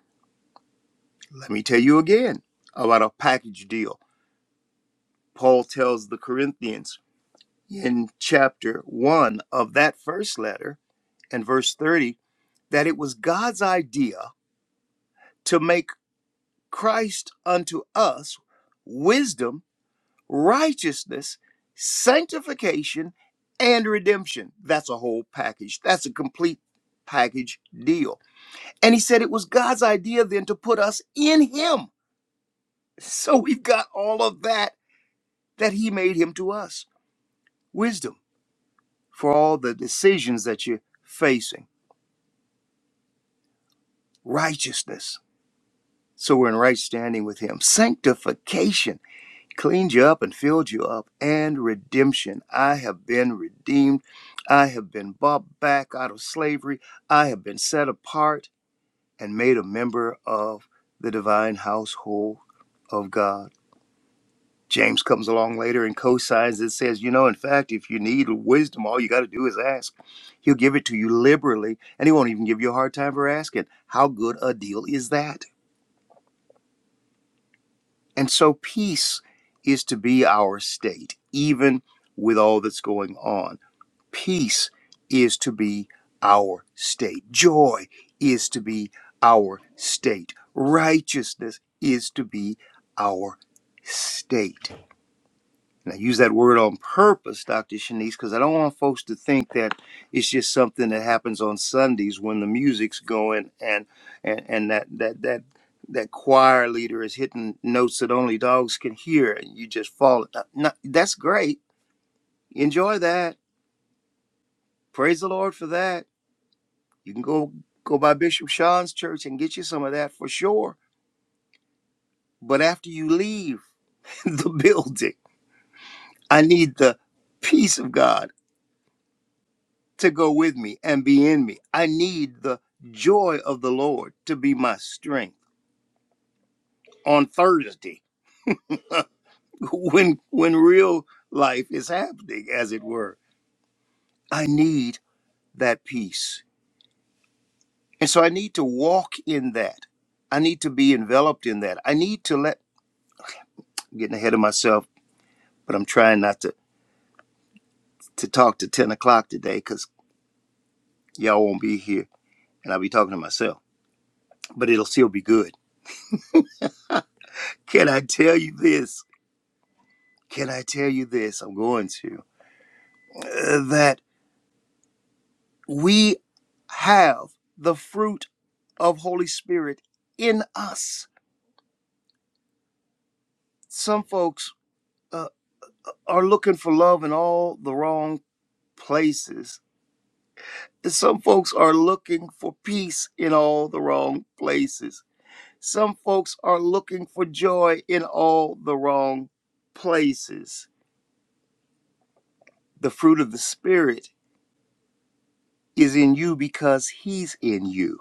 Let me tell you again about a package deal. Paul tells the Corinthians in chapter 1 of that first letter and verse 30 that it was God's idea to make Christ unto us wisdom righteousness, sanctification, and redemption. That's a whole package. That's a complete package deal. And he said it was God's idea then to put us in him. So we've got all of that that he made him to us. Wisdom for all the decisions that you're facing, righteousness. So we're in right standing with him. Sanctification. cleaned you up and filled you up and redemption i have been redeemed i have been bought back out of slavery i have been set apart and made a member of the divine household of god james comes along later and co-signs and says you know in fact if you need wisdom all you got to do is ask he'll give it to you liberally and he won't even give you a hard time for asking how good a deal is that And so peace is to be our state, even with all that's going on. Peace is to be our state. Joy is to be our state. Righteousness is to be our state. And I use that word on purpose, Dr. Shanice, because I don't want folks to think that it's just something that happens on Sundays when the music's going and and, and that that that that choir leader is hitting notes that only dogs can hear and you just fall. No, no, that's great. Enjoy that. Praise the Lord for that. You can go go by Bishop Sean's church and get you some of that for sure. But after you leave the building, I need the peace of God to go with me and be in me. I need the joy of the Lord to be my strength on Thursday when when real life is happening as it were. I need that peace. And so I need to walk in that. I need to be enveloped in that. I need to let I'm getting ahead of myself, but I'm trying not to to talk to 10 o'clock today because y'all won't be here and I'll be talking to myself. But it'll still be good. Can I tell you this? Can I tell you this? I'm going to. uh, that we have the fruit of Holy Spirit in us. Some folks uh, are looking for love in all the wrong places. Some folks are looking for peace in all the wrong places. Some folks are looking for joy in all the wrong places. The fruit of the Spirit is in you because He's in you.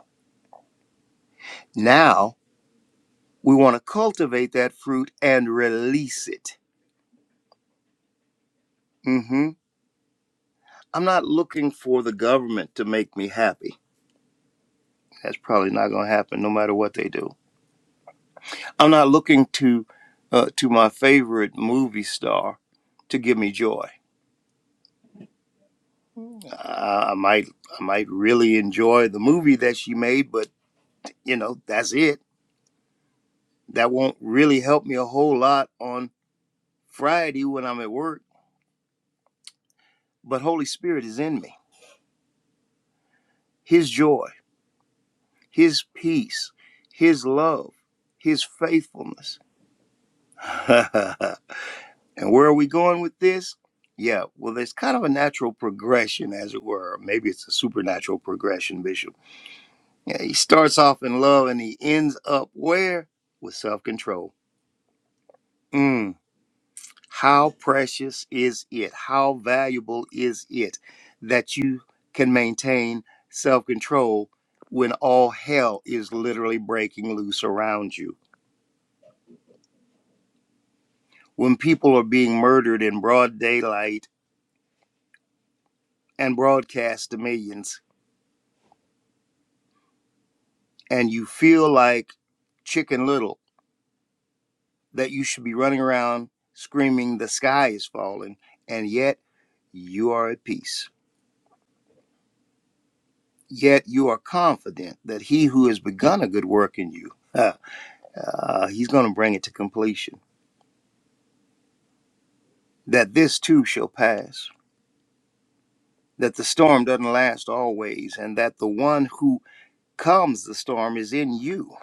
Now we want to cultivate that fruit and release it hmm I'm not looking for the government to make me happy. That's probably not going to happen, no matter what they do. I'm not looking to uh, to my favorite movie star to give me joy. I, I might I might really enjoy the movie that she made, but you know that's it. That won't really help me a whole lot on Friday when I'm at work. But Holy Spirit is in me. His joy, His peace, His love, His faithfulness. And where are we going with this? Yeah, well, there's kind of a natural progression, as it were. Maybe it's a supernatural progression, Bishop. Yeah, he starts off in love and he ends up where? With self control. Mm, how precious is it? How valuable is it that you can maintain self control when all hell is literally breaking loose around you? When people are being murdered in broad daylight and broadcast to millions? and you feel like Chicken Little, that you should be running around screaming, The sky is falling, and yet you are at peace. Yet you are confident that he who has begun a good work in you, uh, uh, he's going to bring it to completion. That this too shall pass, that the storm doesn't last always, and that the one who calms the storm is in you.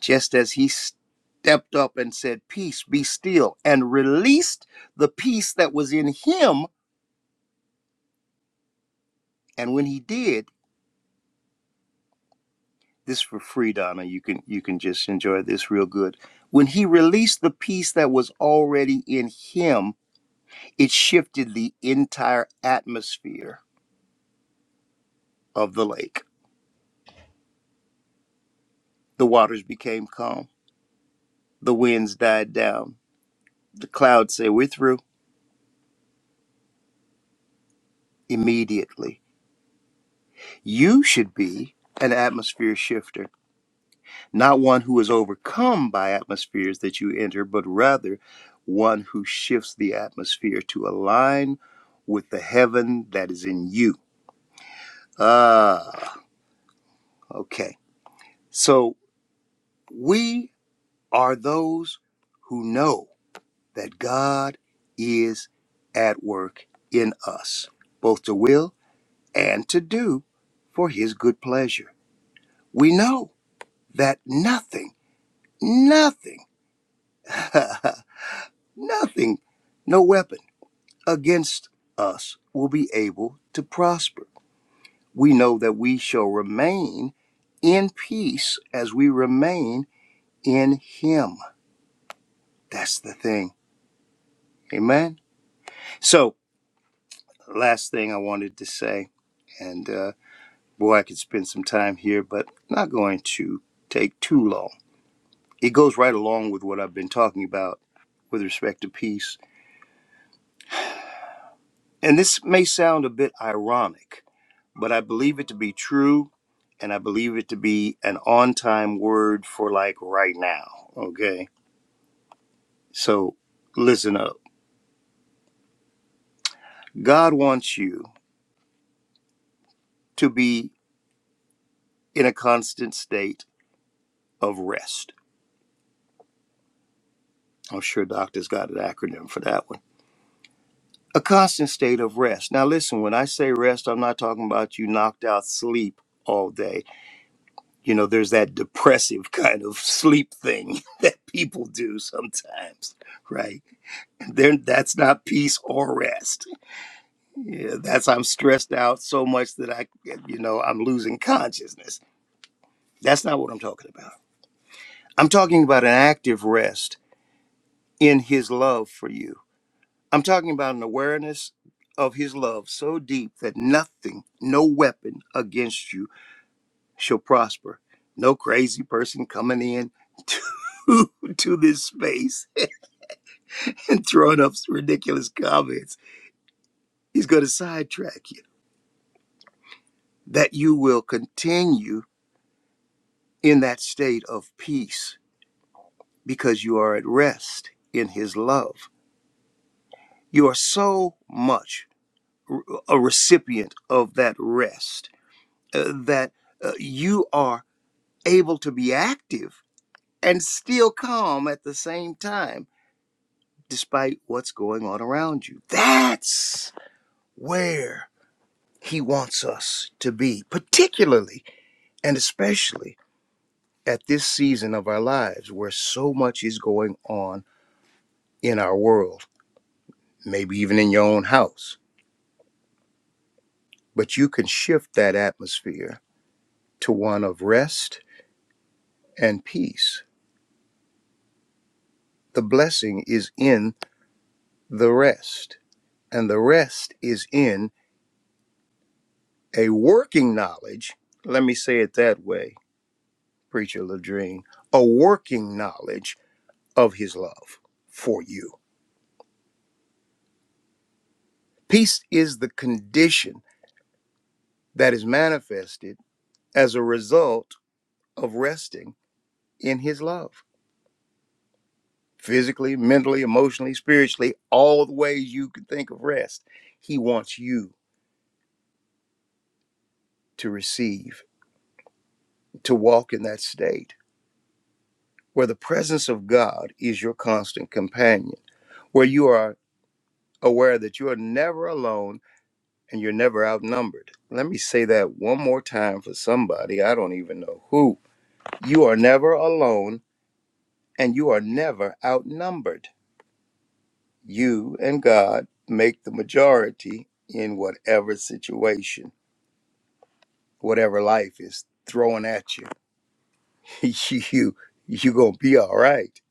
Just as he stepped up and said, Peace, be still, and released the peace that was in him And when he did, this for free, Donna, you can you can just enjoy this real good. When he released the peace that was already in him, it shifted the entire atmosphere of the lake. The waters became calm. The winds died down. The clouds say, We're through immediately. You should be an atmosphere shifter not one who is overcome by atmospheres that you enter, but rather one who shifts the atmosphere to align with the heaven that is in you. Ah, okay. So we are those who know that God is at work in us, both to will and to do for his good pleasure. We know that nothing, nothing, nothing, no weapon against us will be able to prosper. We know that we shall remain in peace as we remain in Him. That's the thing. Amen. So, last thing I wanted to say, and uh, boy, I could spend some time here, but not going to take too long. It goes right along with what I've been talking about with respect to peace. And this may sound a bit ironic, but I believe it to be true and I believe it to be an on time word for like right now. Okay. So listen up. God wants you to be in a constant state of rest. I'm sure doctors got an acronym for that one. A constant state of rest. Now, listen, when I say rest, I'm not talking about you knocked out sleep all day. You know, there's that depressive kind of sleep thing that people do sometimes, right? Then that's not peace or rest Yeah, that's I'm stressed out so much that I, you know, I'm losing consciousness. That's not what I'm talking about. I'm talking about an active rest in His love for you. I'm talking about an awareness of His love so deep that nothing, no weapon against you shall prosper. No crazy person coming in to, to this space and throwing up ridiculous comments. He's going to sidetrack you. That you will continue in that state of peace because you are at rest in his love. You are so much a recipient of that rest uh, that uh, you are able to be active and still calm at the same time, despite what's going on around you. That's where he wants us to be, particularly and especially at this season of our lives where so much is going on in our world, maybe even in your own house but you can shift that atmosphere to one of rest and peace. The blessing is in the rest, and the rest is in a working knowledge. Let me say it that way, Preacher Ladrine a working knowledge of his love for you. Peace is the condition that is manifested as a result of resting in his love. physically, mentally, emotionally, spiritually, all the ways you can think of rest. He wants you to receive, to walk in that state where the presence of God is your constant companion, where you are aware that you are never alone and you're never outnumbered. Let me say that one more time for somebody, I don't even know who. You are never alone and you are never outnumbered. You and God make the majority in whatever situation whatever life is throwing at you, you you gonna be all right.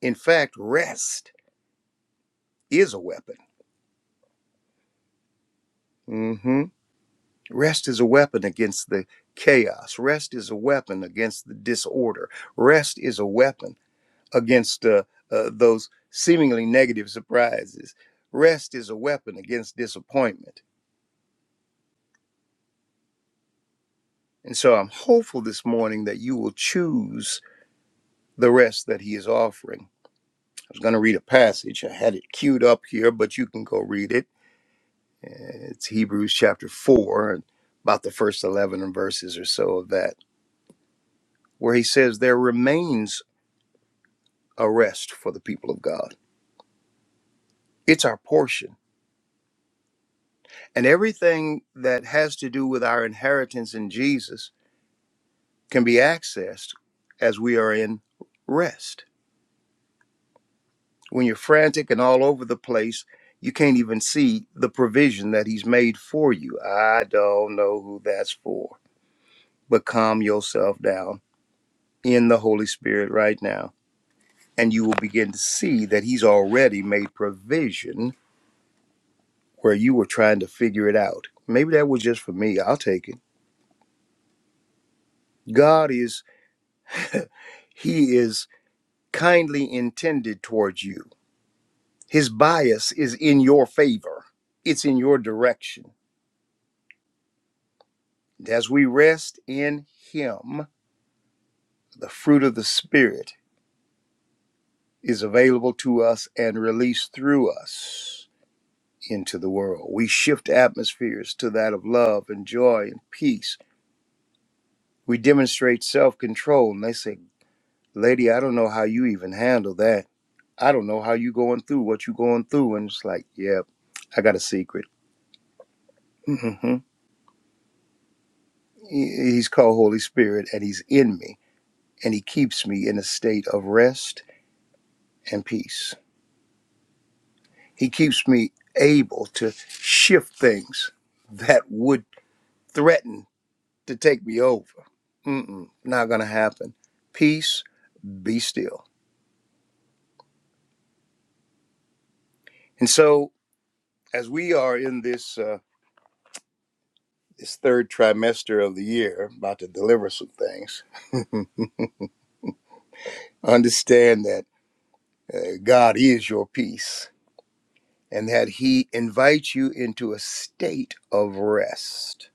In fact, rest is a weapon. mm hmm Rest is a weapon against the chaos. Rest is a weapon against the disorder. Rest is a weapon against uh, uh, those seemingly negative surprises. Rest is a weapon against disappointment. And so I'm hopeful this morning that you will choose the rest that he is offering was going to read a passage. I had it queued up here, but you can go read it. Uh, It's Hebrews chapter 4, about the first 11 verses or so of that, where he says, There remains a rest for the people of God. It's our portion. And everything that has to do with our inheritance in Jesus can be accessed as we are in rest. When you're frantic and all over the place, you can't even see the provision that he's made for you. I don't know who that's for but calm yourself down in the Holy Spirit right now. And you will begin to see that He's already made provision where you were trying to figure it out. Maybe that was just for me. I'll take it. God is, He is kindly intended towards you. His bias is in your favor, it's in your direction. And As we rest in Him, the fruit of the Spirit is available to us and released through us into the world. We shift atmospheres to that of love and joy and peace. We demonstrate self control. And they say, Lady, I don't know how you even handle that. I don't know how you going through what you going through. And it's like, yeah, I got a secret. hmm He's called Holy Spirit and he's in me and he keeps me in a state of rest and peace. He keeps me able to shift things that would threaten to take me over. Mm-mm, not going to happen. Peace, be still. And so, as we are in this uh, this third trimester of the year, about to deliver some things, understand that uh, God is your peace, and that He invites you into a state of rest,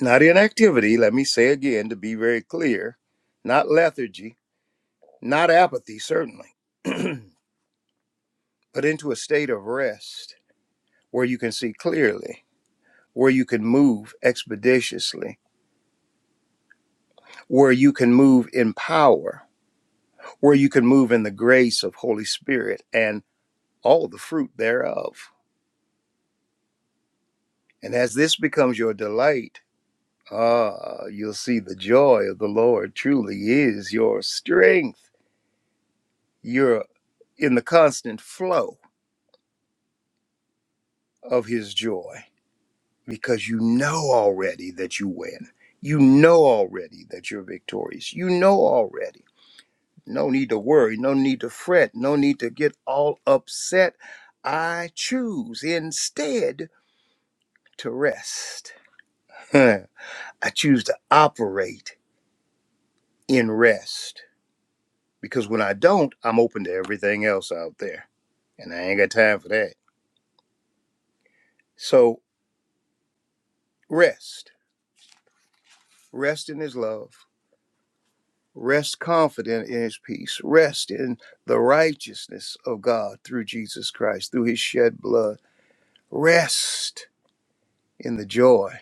not inactivity. Let me say again to be very clear, not lethargy, not apathy, certainly, but into a state of rest where you can see clearly where you can move expeditiously, where you can move in power, where you can move in the grace of Holy Spirit and all the fruit thereof. And as this becomes your delight, ah, you'll see the joy of the Lord truly is your strength. You're in the constant flow of his joy because you know already that you win. You know already that you're victorious. You know already No need to worry, no need to fret, no need to get all upset. I choose instead to rest. I choose to operate in rest because when I don't, I'm open to everything else out there, and I ain't got time for that. So, rest. Rest in His love. Rest confident in His peace. Rest in the righteousness of God through Jesus Christ, through His shed blood. Rest in the joy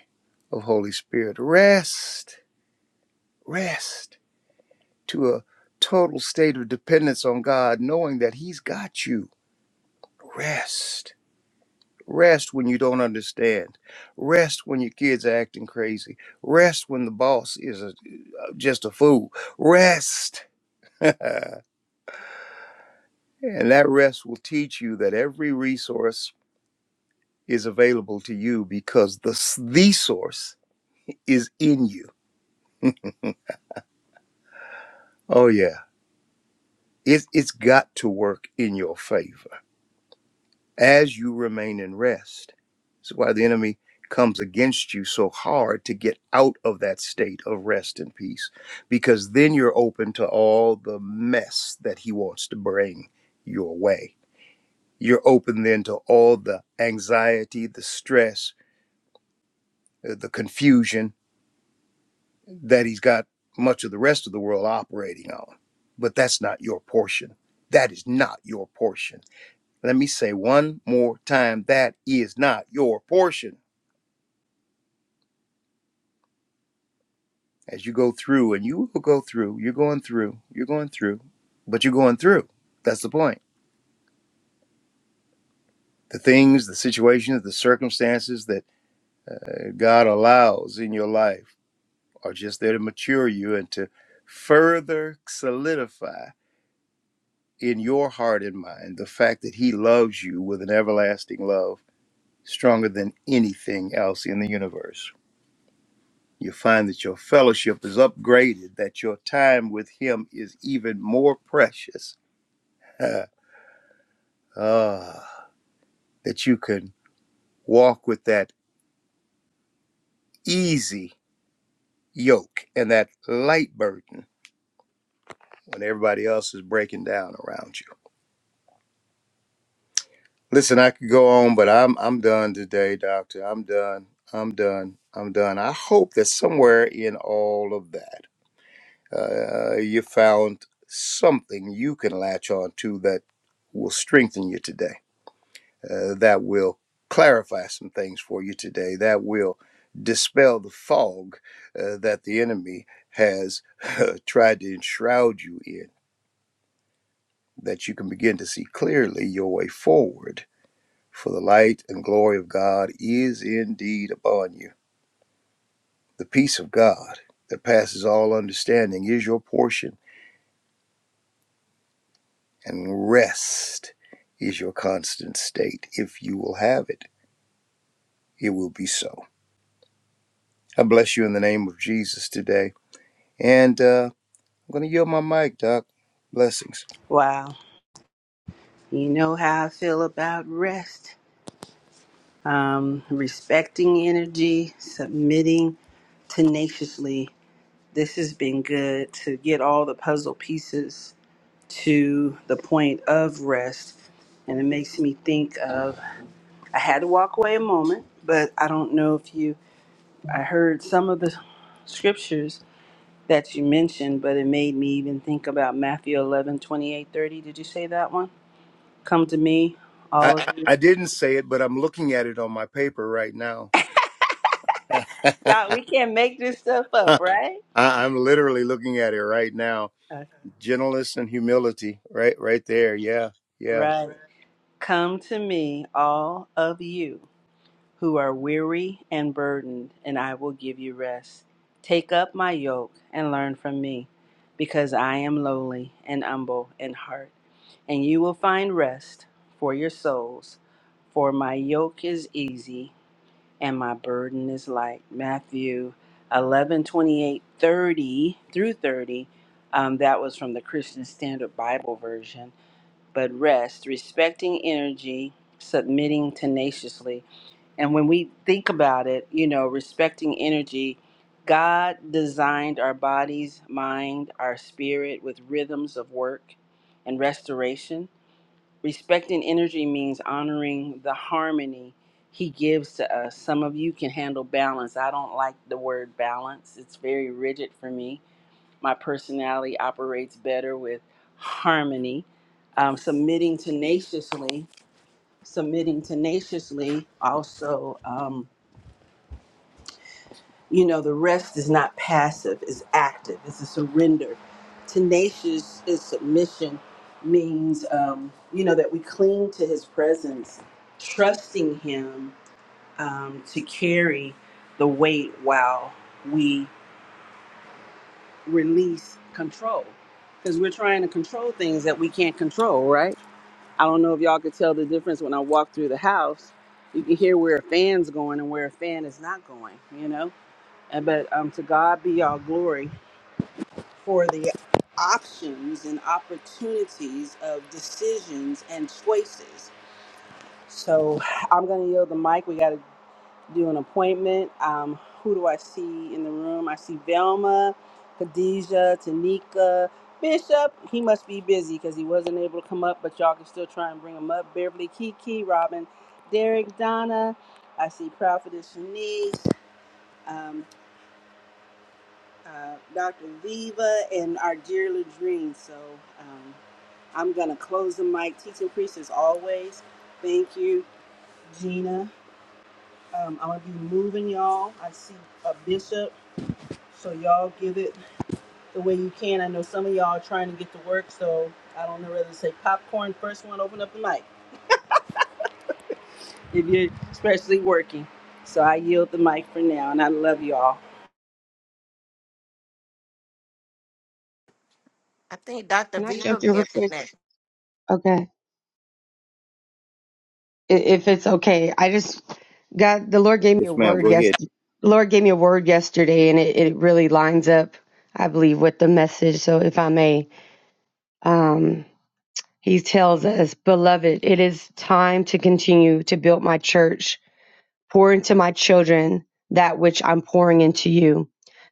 of Holy Spirit. Rest, rest to a total state of dependence on God, knowing that He's got you. Rest. Rest when you don't understand. Rest when your kids are acting crazy. Rest when the boss is a, uh, just a fool. Rest. and that rest will teach you that every resource is available to you because the, s- the source is in you. Oh, yeah. It, it's got to work in your favor as you remain in rest. That's why the enemy comes against you so hard to get out of that state of rest and peace, because then you're open to all the mess that he wants to bring your way. You're open then to all the anxiety, the stress, uh, the confusion that he's got much of the rest of the world operating on. But that's not your portion. That is not your portion. Let me say one more time that is not your portion. as you go through, and you will go through, you're going through, you're going through, but you're going through. That's the point. The things, the situations, the circumstances that uh, God allows in your life are just there to mature you and to further solidify in your heart and mind the fact that He loves you with an everlasting love stronger than anything else in the universe. You find that your fellowship is upgraded, that your time with Him is even more precious. Ah, that you can walk with that easy yoke and that light burden when everybody else is breaking down around you. Listen, I could go on, but I'm I'm done today, doctor. I'm done. I'm done. I'm done. I hope that somewhere in all of that, uh, you found something you can latch on to that will strengthen you today. uh, that will clarify some things for you today, that will dispel the fog uh, that the enemy has uh, tried to enshroud you in, that you can begin to see clearly your way forward. For the light and glory of God is indeed upon you. The peace of God that passes all understanding is your portion, and rest is your constant state. If you will have it, it will be so. I bless you in the name of Jesus today. And uh, I'm going to yield my mic, Doc. Blessings.
Wow. You know how I feel about rest. Um, respecting energy, submitting tenaciously. This has been good to get all the puzzle pieces to the point of rest. And it makes me think of I had to walk away a moment, but I don't know if you, I heard some of the scriptures that you mentioned, but it made me even think about Matthew 11 28 30. Did you say that one? Come to me, all
I,
of
I
you.
I didn't say it, but I'm looking at it on my paper right now. I,
Y'all, we can't make this stuff up, right?
I'm literally looking at it right now.
Uh,
Gentleness and humility, right, right there. Yeah, yeah.
Right. Come to me, all of you who are weary and burdened, and I will give you rest. Take up my yoke and learn from me, because I am lowly and humble in heart, and you will find rest for your souls. For my yoke is easy and my burden is light. Matthew 11, 28, 30 through 30. Um, that was from the Christian Standard Bible Version. But rest, respecting energy, submitting tenaciously and when we think about it, you know, respecting energy, God designed our bodies, mind, our spirit with rhythms of work and restoration. Respecting energy means honoring the harmony He gives to us. Some of you can handle balance. I don't like the word balance, it's very rigid for me. My personality operates better with harmony. Um, submitting tenaciously, submitting tenaciously also. Um, You know, the rest is not passive, it's active, it's a surrender. Tenacious is submission means, um, you know, that we cling to his presence, trusting him um, to carry the weight while we release control. Because we're trying to control things that we can't control, right? I don't know if y'all could tell the difference when I walk through the house. You can hear where a fan's going and where a fan is not going, you know? And- But um, to God be all glory for the options and opportunities of decisions and choices. So I'm going to yield the mic. We got to do an appointment. Um, who do I see in the room? I see Velma, Khadijah, Tanika, Bishop. He must be busy because he wasn't able to come up, but y'all can still try and bring him up. Beverly, Kiki, Robin, Derek, Donna. I see Prophetess Shanice. Um, uh, Dr. Viva and our dear Ladrine. So, Um, I'm going to close the mic. Teaching priest as always. Thank you, Gina. Um, I'm going to be moving y'all. I see a bishop, so y'all give it the way you can. I know some of y'all are trying to get to work, so I don't know whether to say popcorn first one, open up the mic if you're especially working. So I yield the mic for now, and I love y'all.
think Dr.
Can I jump
Viva
in
be
real
up in
quick?
there.
Okay, I- if it's okay, I just got the Lord gave me a
yes, ma'am.
word.
Go
Yes,
ahead.
the Lord gave me a word yesterday, and it, it really lines up, I believe, with the message. So, if I may, um, He tells us, "Beloved, it is time to continue to build my church." Pour into my children that which I'm pouring into you.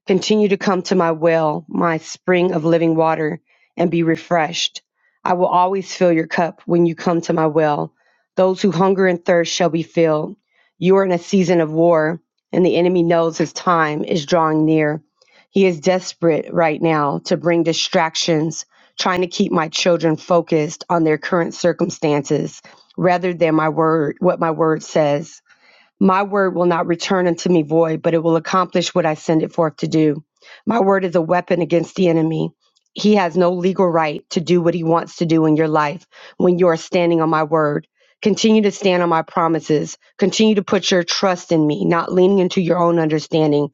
Continue to come to my well, my spring of living water, and be refreshed. I will always fill your cup when you come to my well. Those who hunger and thirst shall be filled. You are in a season of war, and the enemy knows his time is drawing near. He is desperate right now to bring distractions, trying to keep my children focused on their current circumstances rather than my word, what my word says. My word will not return unto me void, but it will accomplish what I send it forth to do. My word is a weapon against the enemy. He has no legal right to do what he wants to do in your life when you are standing on my word. Continue to stand on my promises. Continue to put your trust in me, not leaning into your own understanding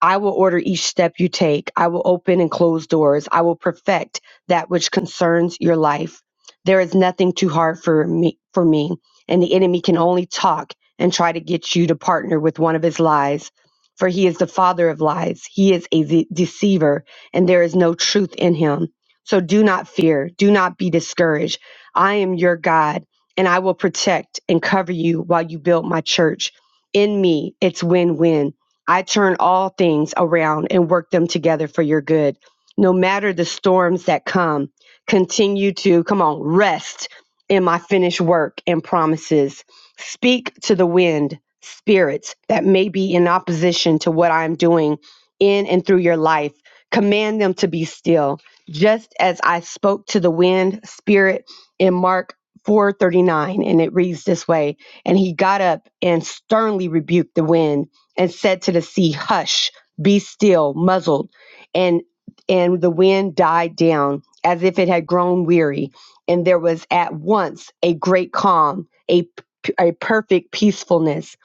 I will order each step you take. I will open and close doors. I will perfect that which concerns your life. There is nothing too hard for me for me, and the enemy can only talk and try to get you to partner with one of his lies. For he is the father of lies. He is a de- deceiver, and there is no truth in him. So do not fear, do not be discouraged. I am your God, and I will protect and cover you while you build my church. In me, it's win-win. I turn all things around and work them together for your good. No matter the storms that come, continue to, come on, rest in my finished work and promises. Speak to the wind, spirits that may be in opposition to what I'm doing in and through your life. Command them to be still, just as I spoke to the wind, spirit in Mark 4:39 and it reads this way and he got up and sternly rebuked the wind and said to the sea, Hush, be still, muzzled. And and the wind died down as if it had grown weary, and there was at once a great calm, a a perfect peacefulness.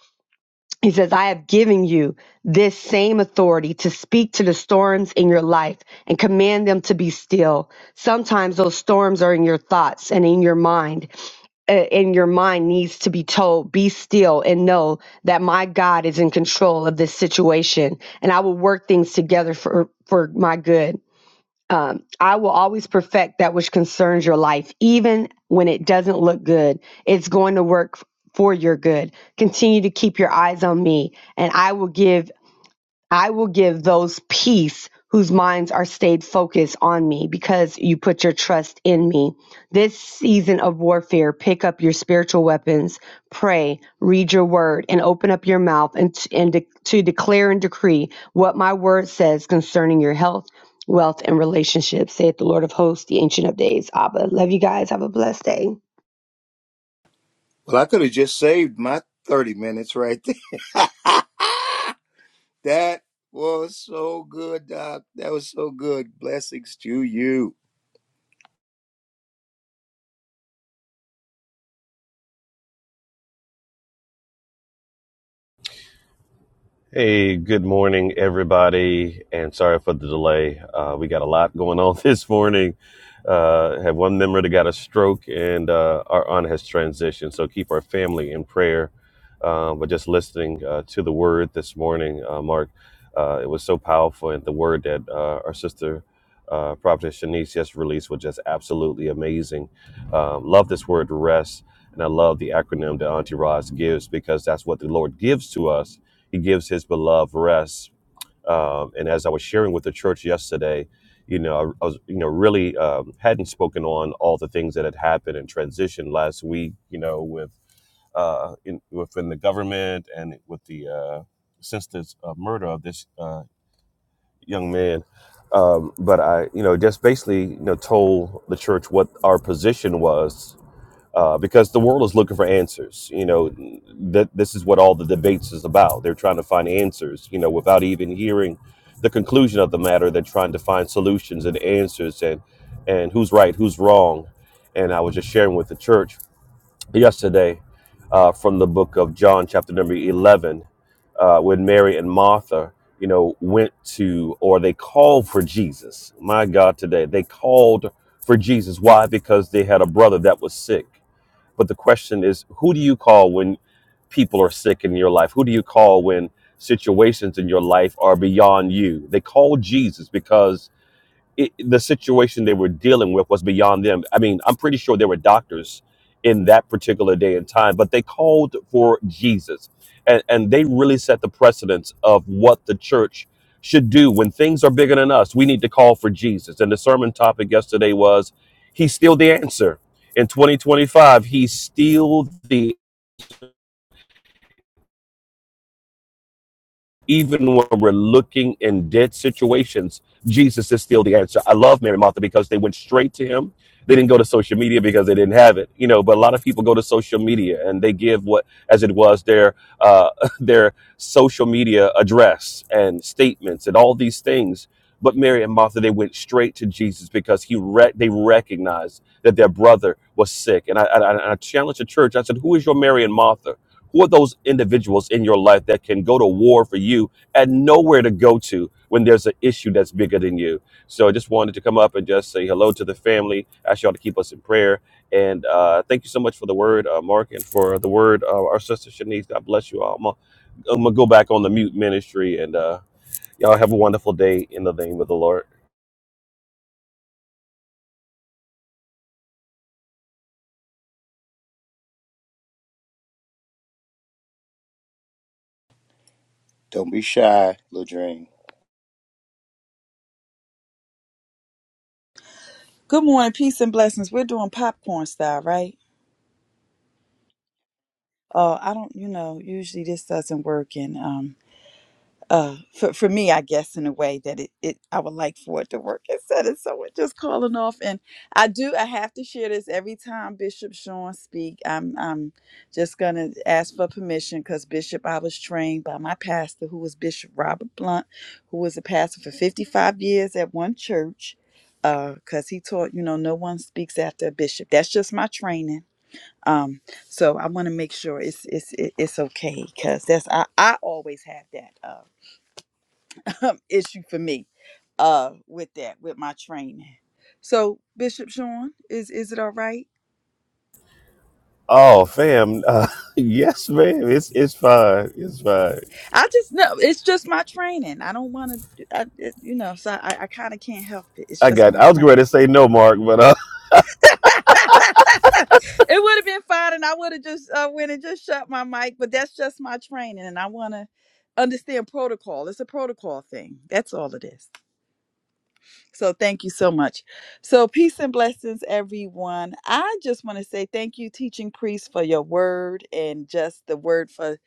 He says, I have given you this same authority to speak to the storms in your life and command them to be still. Sometimes those storms are in your thoughts and in your mind, uh, in your mind needs to be told be still and know that my god is in control of this situation and i will work things together for for my good um, i will always perfect that which concerns your life even when it doesn't look good it's going to work f- for your good continue to keep your eyes on me and i will give I will give those peace whose minds are stayed focused on me because you put your trust in me. This season of warfare, pick up your spiritual weapons, pray, read your word, and open up your mouth and, and de- to declare and decree what my word says concerning your health, wealth, and relationships, saith the Lord of hosts, the Ancient of Days. Abba, love you guys. Have a blessed day.
Well, I could have just saved my 30 minutes right there. that was so good, Doc. That was so good. Blessings to you.
Hey, good morning, everybody, and sorry for the delay. Uh, we got a lot going on this morning. Uh, have one member that got a stroke, and uh, our aunt has transitioned. So keep our family in prayer. Uh, but just listening uh, to the word this morning, uh, Mark, uh, it was so powerful, and the word that uh, our sister. Uh, Prophetess Shanice just released was just absolutely amazing. Um, love this word rest, and I love the acronym that Auntie Roz gives because that's what the Lord gives to us he gives his beloved rest. Um, and as I was sharing with the church yesterday, you know, I, I was, you know, really um, hadn't spoken on all the things that had happened and transitioned last week, you know, with uh, in, within the government and with the uh, since this uh, murder of this uh, young man. Um, but I, you know, just basically, you know, told the church what our position was uh, because the world is looking for answers. You know, that this is what all the debates is about. They're trying to find answers. You know, without even hearing the conclusion of the matter, they're trying to find solutions and answers and and who's right, who's wrong. And I was just sharing with the church yesterday uh, from the book of John, chapter number eleven, uh, when Mary and Martha. You know, went to or they called for Jesus. My God, today they called for Jesus. Why? Because they had a brother that was sick but the question is, who do you call when people are sick in your life? Who do you call when situations in your life are beyond you? They call Jesus because it, the situation they were dealing with was beyond them. I mean, I'm pretty sure there were doctors in that particular day and time, but they called for Jesus. And, and they really set the precedence of what the church should do when things are bigger than us. We need to call for Jesus. And the sermon topic yesterday was He's still the answer. In 2025, He's still the even when we're looking in dead situations, Jesus is still the answer. I love Mary and Martha because they went straight to him. They didn't go to social media because they didn't have it, you know. But a lot of people go to social media and they give what, as it was, their uh, their social media address and statements and all these things. But Mary and Martha, they went straight to Jesus because he re- they recognized that their brother was sick. And I, I, I I challenged the church. I said, "Who is your Mary and Martha?" Who are those individuals in your life that can go to war for you and nowhere to go to when there's an issue that's bigger than you? So I just wanted to come up and just say hello to the family. Ask y'all to keep us in prayer. And uh, thank you so much for the word, uh, Mark, and for the word, uh, our sister Shanice. God bless you all. I'm gonna I'm gonna go back on the mute ministry, and uh, y'all have a wonderful day in the name of the Lord.
Don't be shy, Ladrine.
Good morning, peace and blessings. We're doing popcorn style, right? Oh, I don't, you know, usually this doesn't work, and um. uh for, for me i guess in a way that it, it i would like for it to work instead of someone just calling off and i do i have to share this every time bishop sean speak i'm i'm just gonna ask for permission because bishop i was trained by my pastor who was bishop robert blunt who was a pastor for 55 years at one church Uh, because he taught you know no one speaks after a bishop that's just my training um so i want to make sure it's it's it- it's okay because that's i i always have that uh, issue for me uh with that with my training so bishop sean is is it all right
Oh, fam, uh, yes, man, it's it's fine, it's fine.
i just know it's just my training i don't want to I, it- you know so i, I kind of can't help it it's
I
just
got.
my
I was going to
training
say no, Mark, but
it would have been fine and i would have just uh, went and just shut my mic but that's just my training and i want to understand protocol it's a protocol thing that's all it is. So thank you so much. So peace and blessings, everyone. I just want to say thank you, teaching priest, for your word and just the word for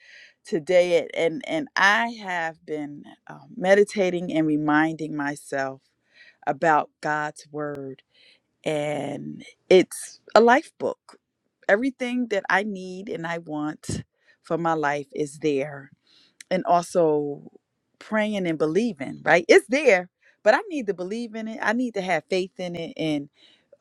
today. And and I have been uh, meditating and reminding myself about God's word, and it's a life book. Everything that I need and I want for my life is there and also praying and believing, right? It's there, but I need to believe in it. I need to have faith in it. And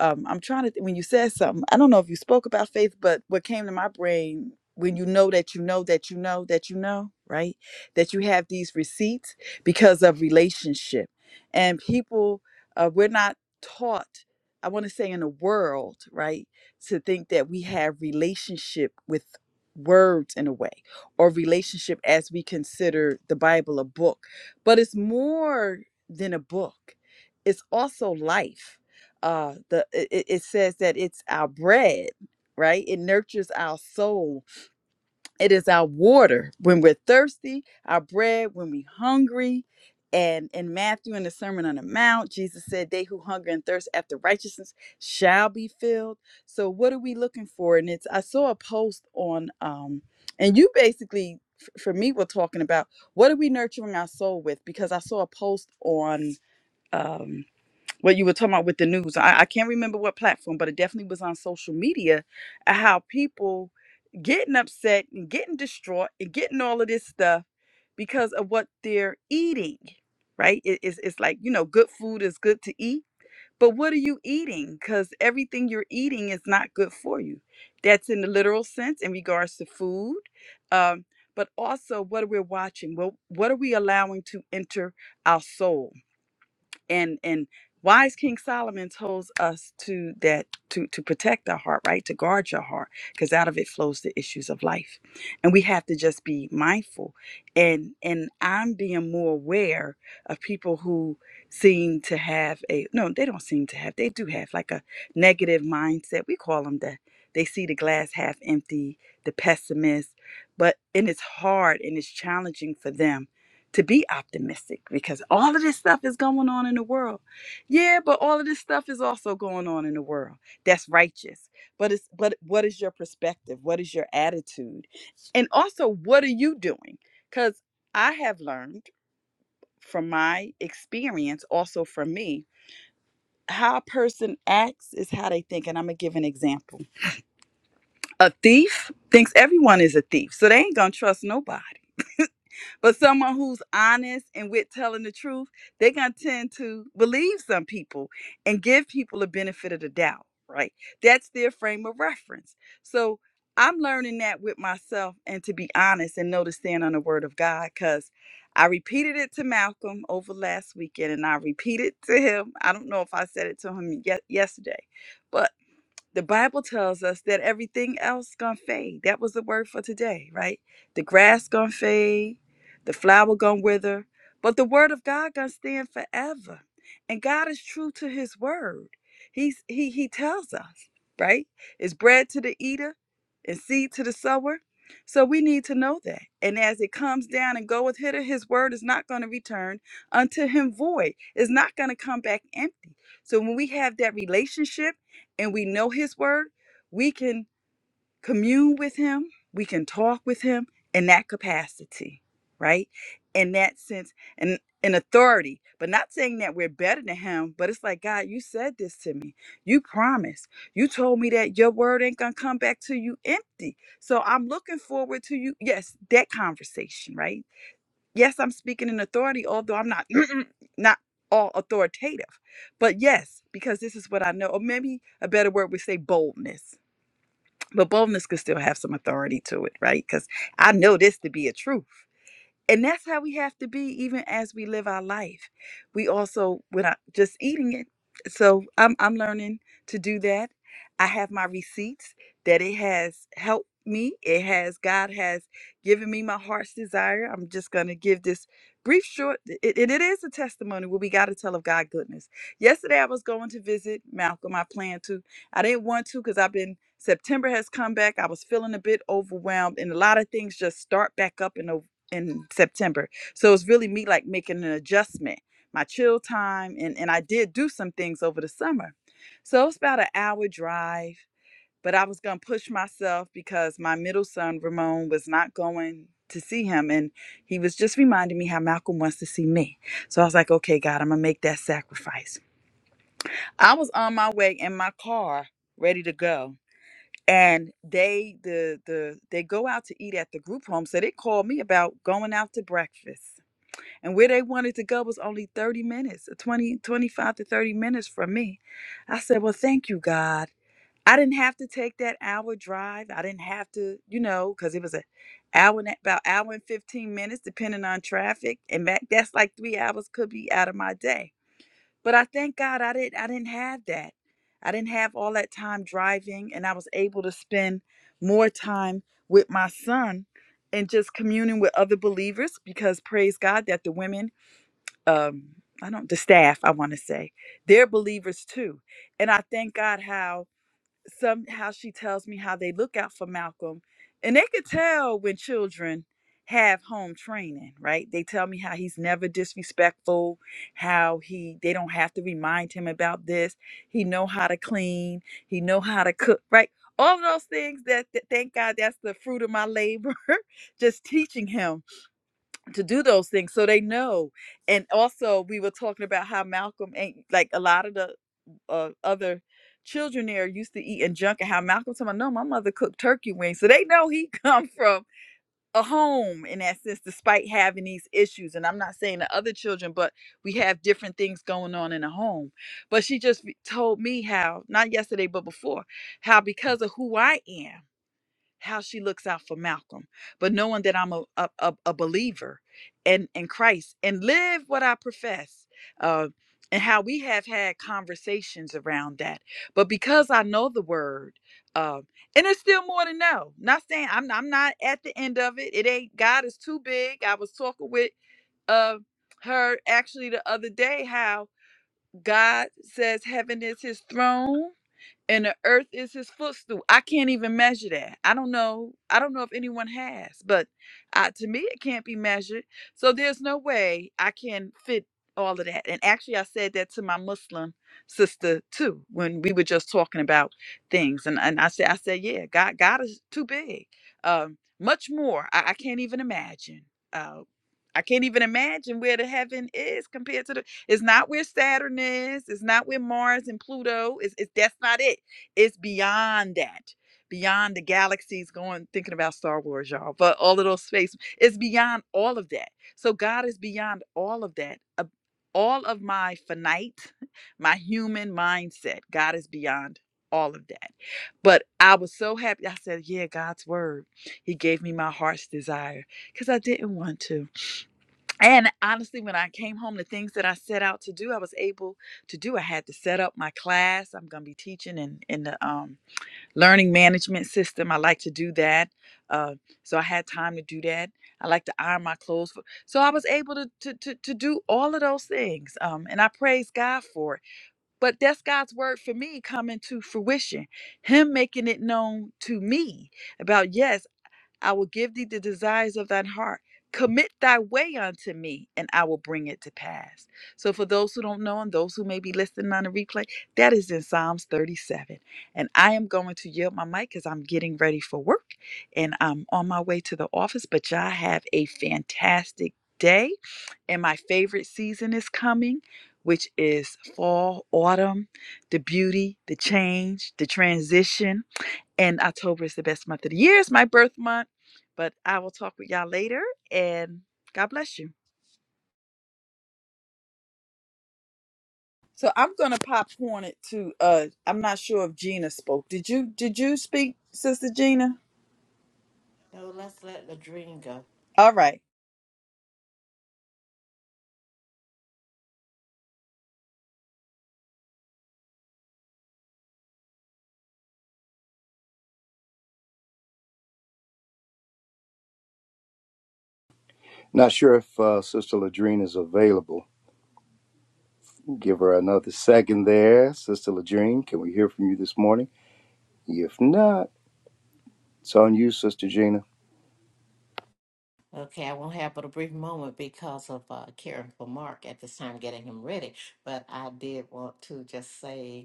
um, I'm trying to, th- when you said something, I don't know if you spoke about faith, but what came to my brain when you know that you know that you know that you know, right? That you have these receipts because of relationship. And people, uh, we're not taught, I want to say in the world, right, to think that we have relationship with words in a way or relationship as we consider the Bible a book. But it's more than a book, it's also life. Uh, the it, it it says that it's our bread, right? It nurtures our soul it is our water when we're thirsty, our bread when we're hungry. And in Matthew, in the Sermon on the Mount, Jesus said, They who hunger and thirst after righteousness shall be filled. So, what are we looking for? And it's, I saw a post on, um, and you basically, f- for me, were talking about what are we nurturing our soul with? Because I saw a post on, um, what you were talking about with the news. I, I can't remember what platform, but it definitely was on social media uh, how people getting upset and getting distraught and getting all of this stuff because of what they're eating, right? It- it's, it's like, you know, good food is good to eat, but what are you eating? Because everything you're eating is not good for you. That's in the literal sense in regards to food. Um, but also what are we watching? Well, what are we allowing to enter our soul? and and wise king solomon tells us to that to to protect our heart right to guard your heart because out of it flows the issues of life and we have to just be mindful and and i'm being more aware of people who seem to have a no they don't seem to have they do have like a negative mindset we call them the they see the glass half empty the pessimist but and it's hard and it's challenging for them to be optimistic because all of this stuff is going on in the world. Yeah, but all of this stuff is also going on in the world. That's righteous. But it's but what is your perspective? What is your attitude? And also what are you doing? Cuz I have learned from my experience also from me how a person acts is how they think and I'm going to give an example. A thief thinks everyone is a thief. So they ain't going to trust nobody But someone who's honest and with telling the truth, they're going to tend to believe some people and give people a benefit of the doubt, right? That's their frame of reference. So I'm learning that with myself and to be honest and know to stand on the word of God because I repeated it to Malcolm over last weekend and I repeated to him. I don't know if I said it to him ye- yesterday, but the Bible tells us that everything else gonna fade. That was the word for today, right? The grass gonna fade, the flower gonna wither, but the word of God gonna stand forever. And God is true to His word. He's He He tells us, right? It's bread to the eater, and seed to the sower. So we need to know that. And as it comes down and goeth hither, His word is not gonna return unto Him void. It's not gonna come back empty. So when we have that relationship and we know his word, we can commune with him, we can talk with him in that capacity, right? In that sense, and in authority, but not saying that we're better than him, but it's like, God, you said this to me. You promised. You told me that your word ain't gonna come back to you empty. So I'm looking forward to you. Yes, that conversation, right? Yes, I'm speaking in authority, although I'm not not all authoritative. But yes, because this is what I know, or maybe a better word would say boldness. But boldness could still have some authority to it, right? Because I know this to be a truth and that's how we have to be even as we live our life we also when i just eating it so i'm i'm learning to do that i have my receipts that it has helped me it has god has given me my heart's desire i'm just going to give this brief short it, it it is a testimony where we got to tell of god goodness yesterday i was going to visit malcolm i planned to i didn't want to because i've been september has come back i was feeling a bit overwhelmed and a lot of things just start back up in november in September. So it's really me like making an adjustment, my chill time, and and I did do some things over the summer. So it's about an hour drive, but I was gonna push myself because my middle son Ramon was not going to see him, and he was just reminding me how Malcolm wants to see me. So I was like, okay, God, I'm gonna make that sacrifice. I was on my way in my car, ready to go. And they the the they go out to eat at the group home. So they called me about going out to breakfast. And where they wanted to go was only 30 minutes, uh, 20, 25 to 30 minutes from me. I said, Well, thank you, God. I didn't have to take that hour drive. I didn't have to, you know, because it was an hour and a- about hour and 15 minutes, depending on traffic. And that, that's like three hours could be out of my day. But I thank God I didn't I didn't have that. I didn't have all that time driving and I was able to spend more time with my son and just communing with other believers because praise God that the women um i don't the staff i want to say they're believers too and i thank god how somehow she tells me how they look out for malcolm and they could tell when children have home training right they tell me how he's never disrespectful how he they don't have to remind him about this he know how to clean he know how to cook right all of those things that, that thank god that's the fruit of my labor just teaching him to do those things so they know. And also, we were talking about how Malcolm ain't like a lot of the uh, other children there used to eat and junk, and how Malcolm told me, "No, my mother cooked turkey wings," so they know he come from a home in that sense, despite having these issues. And I'm not saying the other children, but we have different things going on in a home. But she just told me how, not yesterday, but before, how because of who I am how she looks out for Malcolm, but knowing that I'm a, a, a- believer in in Christ and live what I profess. Uh, and how we have had conversations around that. But because I know the word, uh, and it's still more to know. Not saying I'm I'm not at the end of it. It ain't God is too big. I was talking with uh her actually the other day how God says heaven is his throne and the earth is his footstool. I can't even measure that. I don't know. I don't know if anyone has, but uh, to me, it can't be measured. So there's no way I can fit all of that. And actually, I said that to my Muslim sister too when we were just talking about things. And and I said, I said, yeah, God, God is too big. Um, much more. I, I can't even imagine. Uh, I can't even imagine where the heaven is compared to the. It's not where Saturn is. It's not where Mars and Pluto is. It's that's not it it's beyond that beyond the galaxies going thinking about star wars y'all but all of those space it's beyond all of that so god is beyond all of that Uh, all of my finite my human mindset god is beyond all of that but i was so happy i said yeah god's word he gave me my heart's desire because i didn't want to and honestly when i came home the things that i set out to do i was able to do i had to set up my class i'm going to be teaching in in the um learning management system. I like to do that. Uh, so I had time to do that. I like to iron my clothes. For, so I was able to, to, to, to do all of those things. Um, and I praise God for it. But that's God's word for me coming to fruition, Him making it known to me about, yes. I will give thee the desires of thine heart. Commit thy way unto me, and I will bring it to pass. So, for those who don't know and those who may be listening on the replay, that is in Psalms 37. And I am going to yield my mic because I'm getting ready for work and I'm on my way to the office. But y'all have a fantastic day. And my favorite season is coming, which is fall, autumn, the beauty, the change, the transition and October is the best month of the year. It's my birth month, but I will talk with y'all later. And God bless you. So I'm gonna popcorn it to. Uh, I'm not sure if Gina spoke. Did you? Did you speak, Sister Gina?
No, let's let the dream go.
All right.
Not sure if uh, Sister Ladrine is available. Give her another second there, Sister Ladrine. Can we hear from you this morning? If not, it's on you, Sister Gina.
Okay, I won't have but a brief moment because of uh, caring for Mark at this time, getting him ready. But I did want to just say.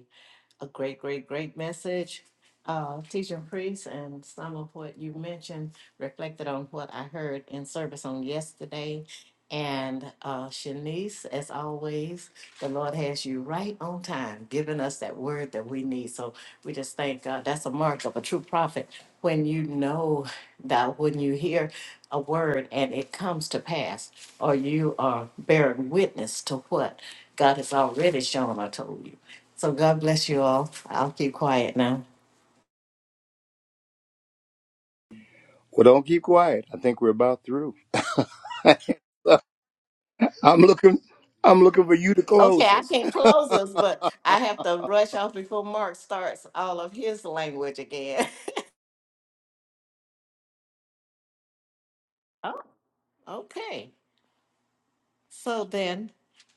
a great, great, great message. Uh, teaching priest and some of what you mentioned reflected on what I heard in service on yesterday. And uh, Shanice, as always, the Lord has you right on time, giving us that word that we need. So we just thank God. That's a mark of a true prophet when you know that when you hear a word and it comes to pass, or you are bearing witness to what God has already shown or told you. So God bless you all. I'll keep quiet now.
Well, don't keep quiet. I think we're about through. I'm looking. I'm looking for you to
Okay,
close
I
us.
can't close us, but I have to brush off before Mark starts all of his language again. Oh, okay. So then,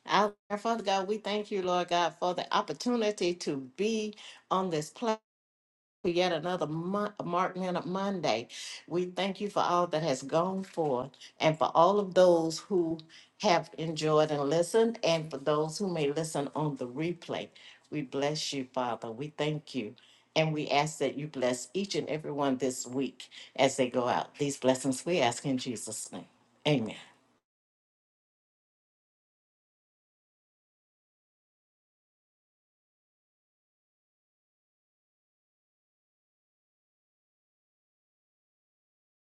our Father God, we thank you, Lord God, for the opportunity to be on this platform. for yet another month, Mark Minute Monday. We thank you for all that has gone forth and for all of those who have enjoyed and listened, and for those who may listen on the replay. We bless you, Father. We thank you. And we ask that you bless each and every one this week as they go out. These blessings we ask in Jesus' name. Amen.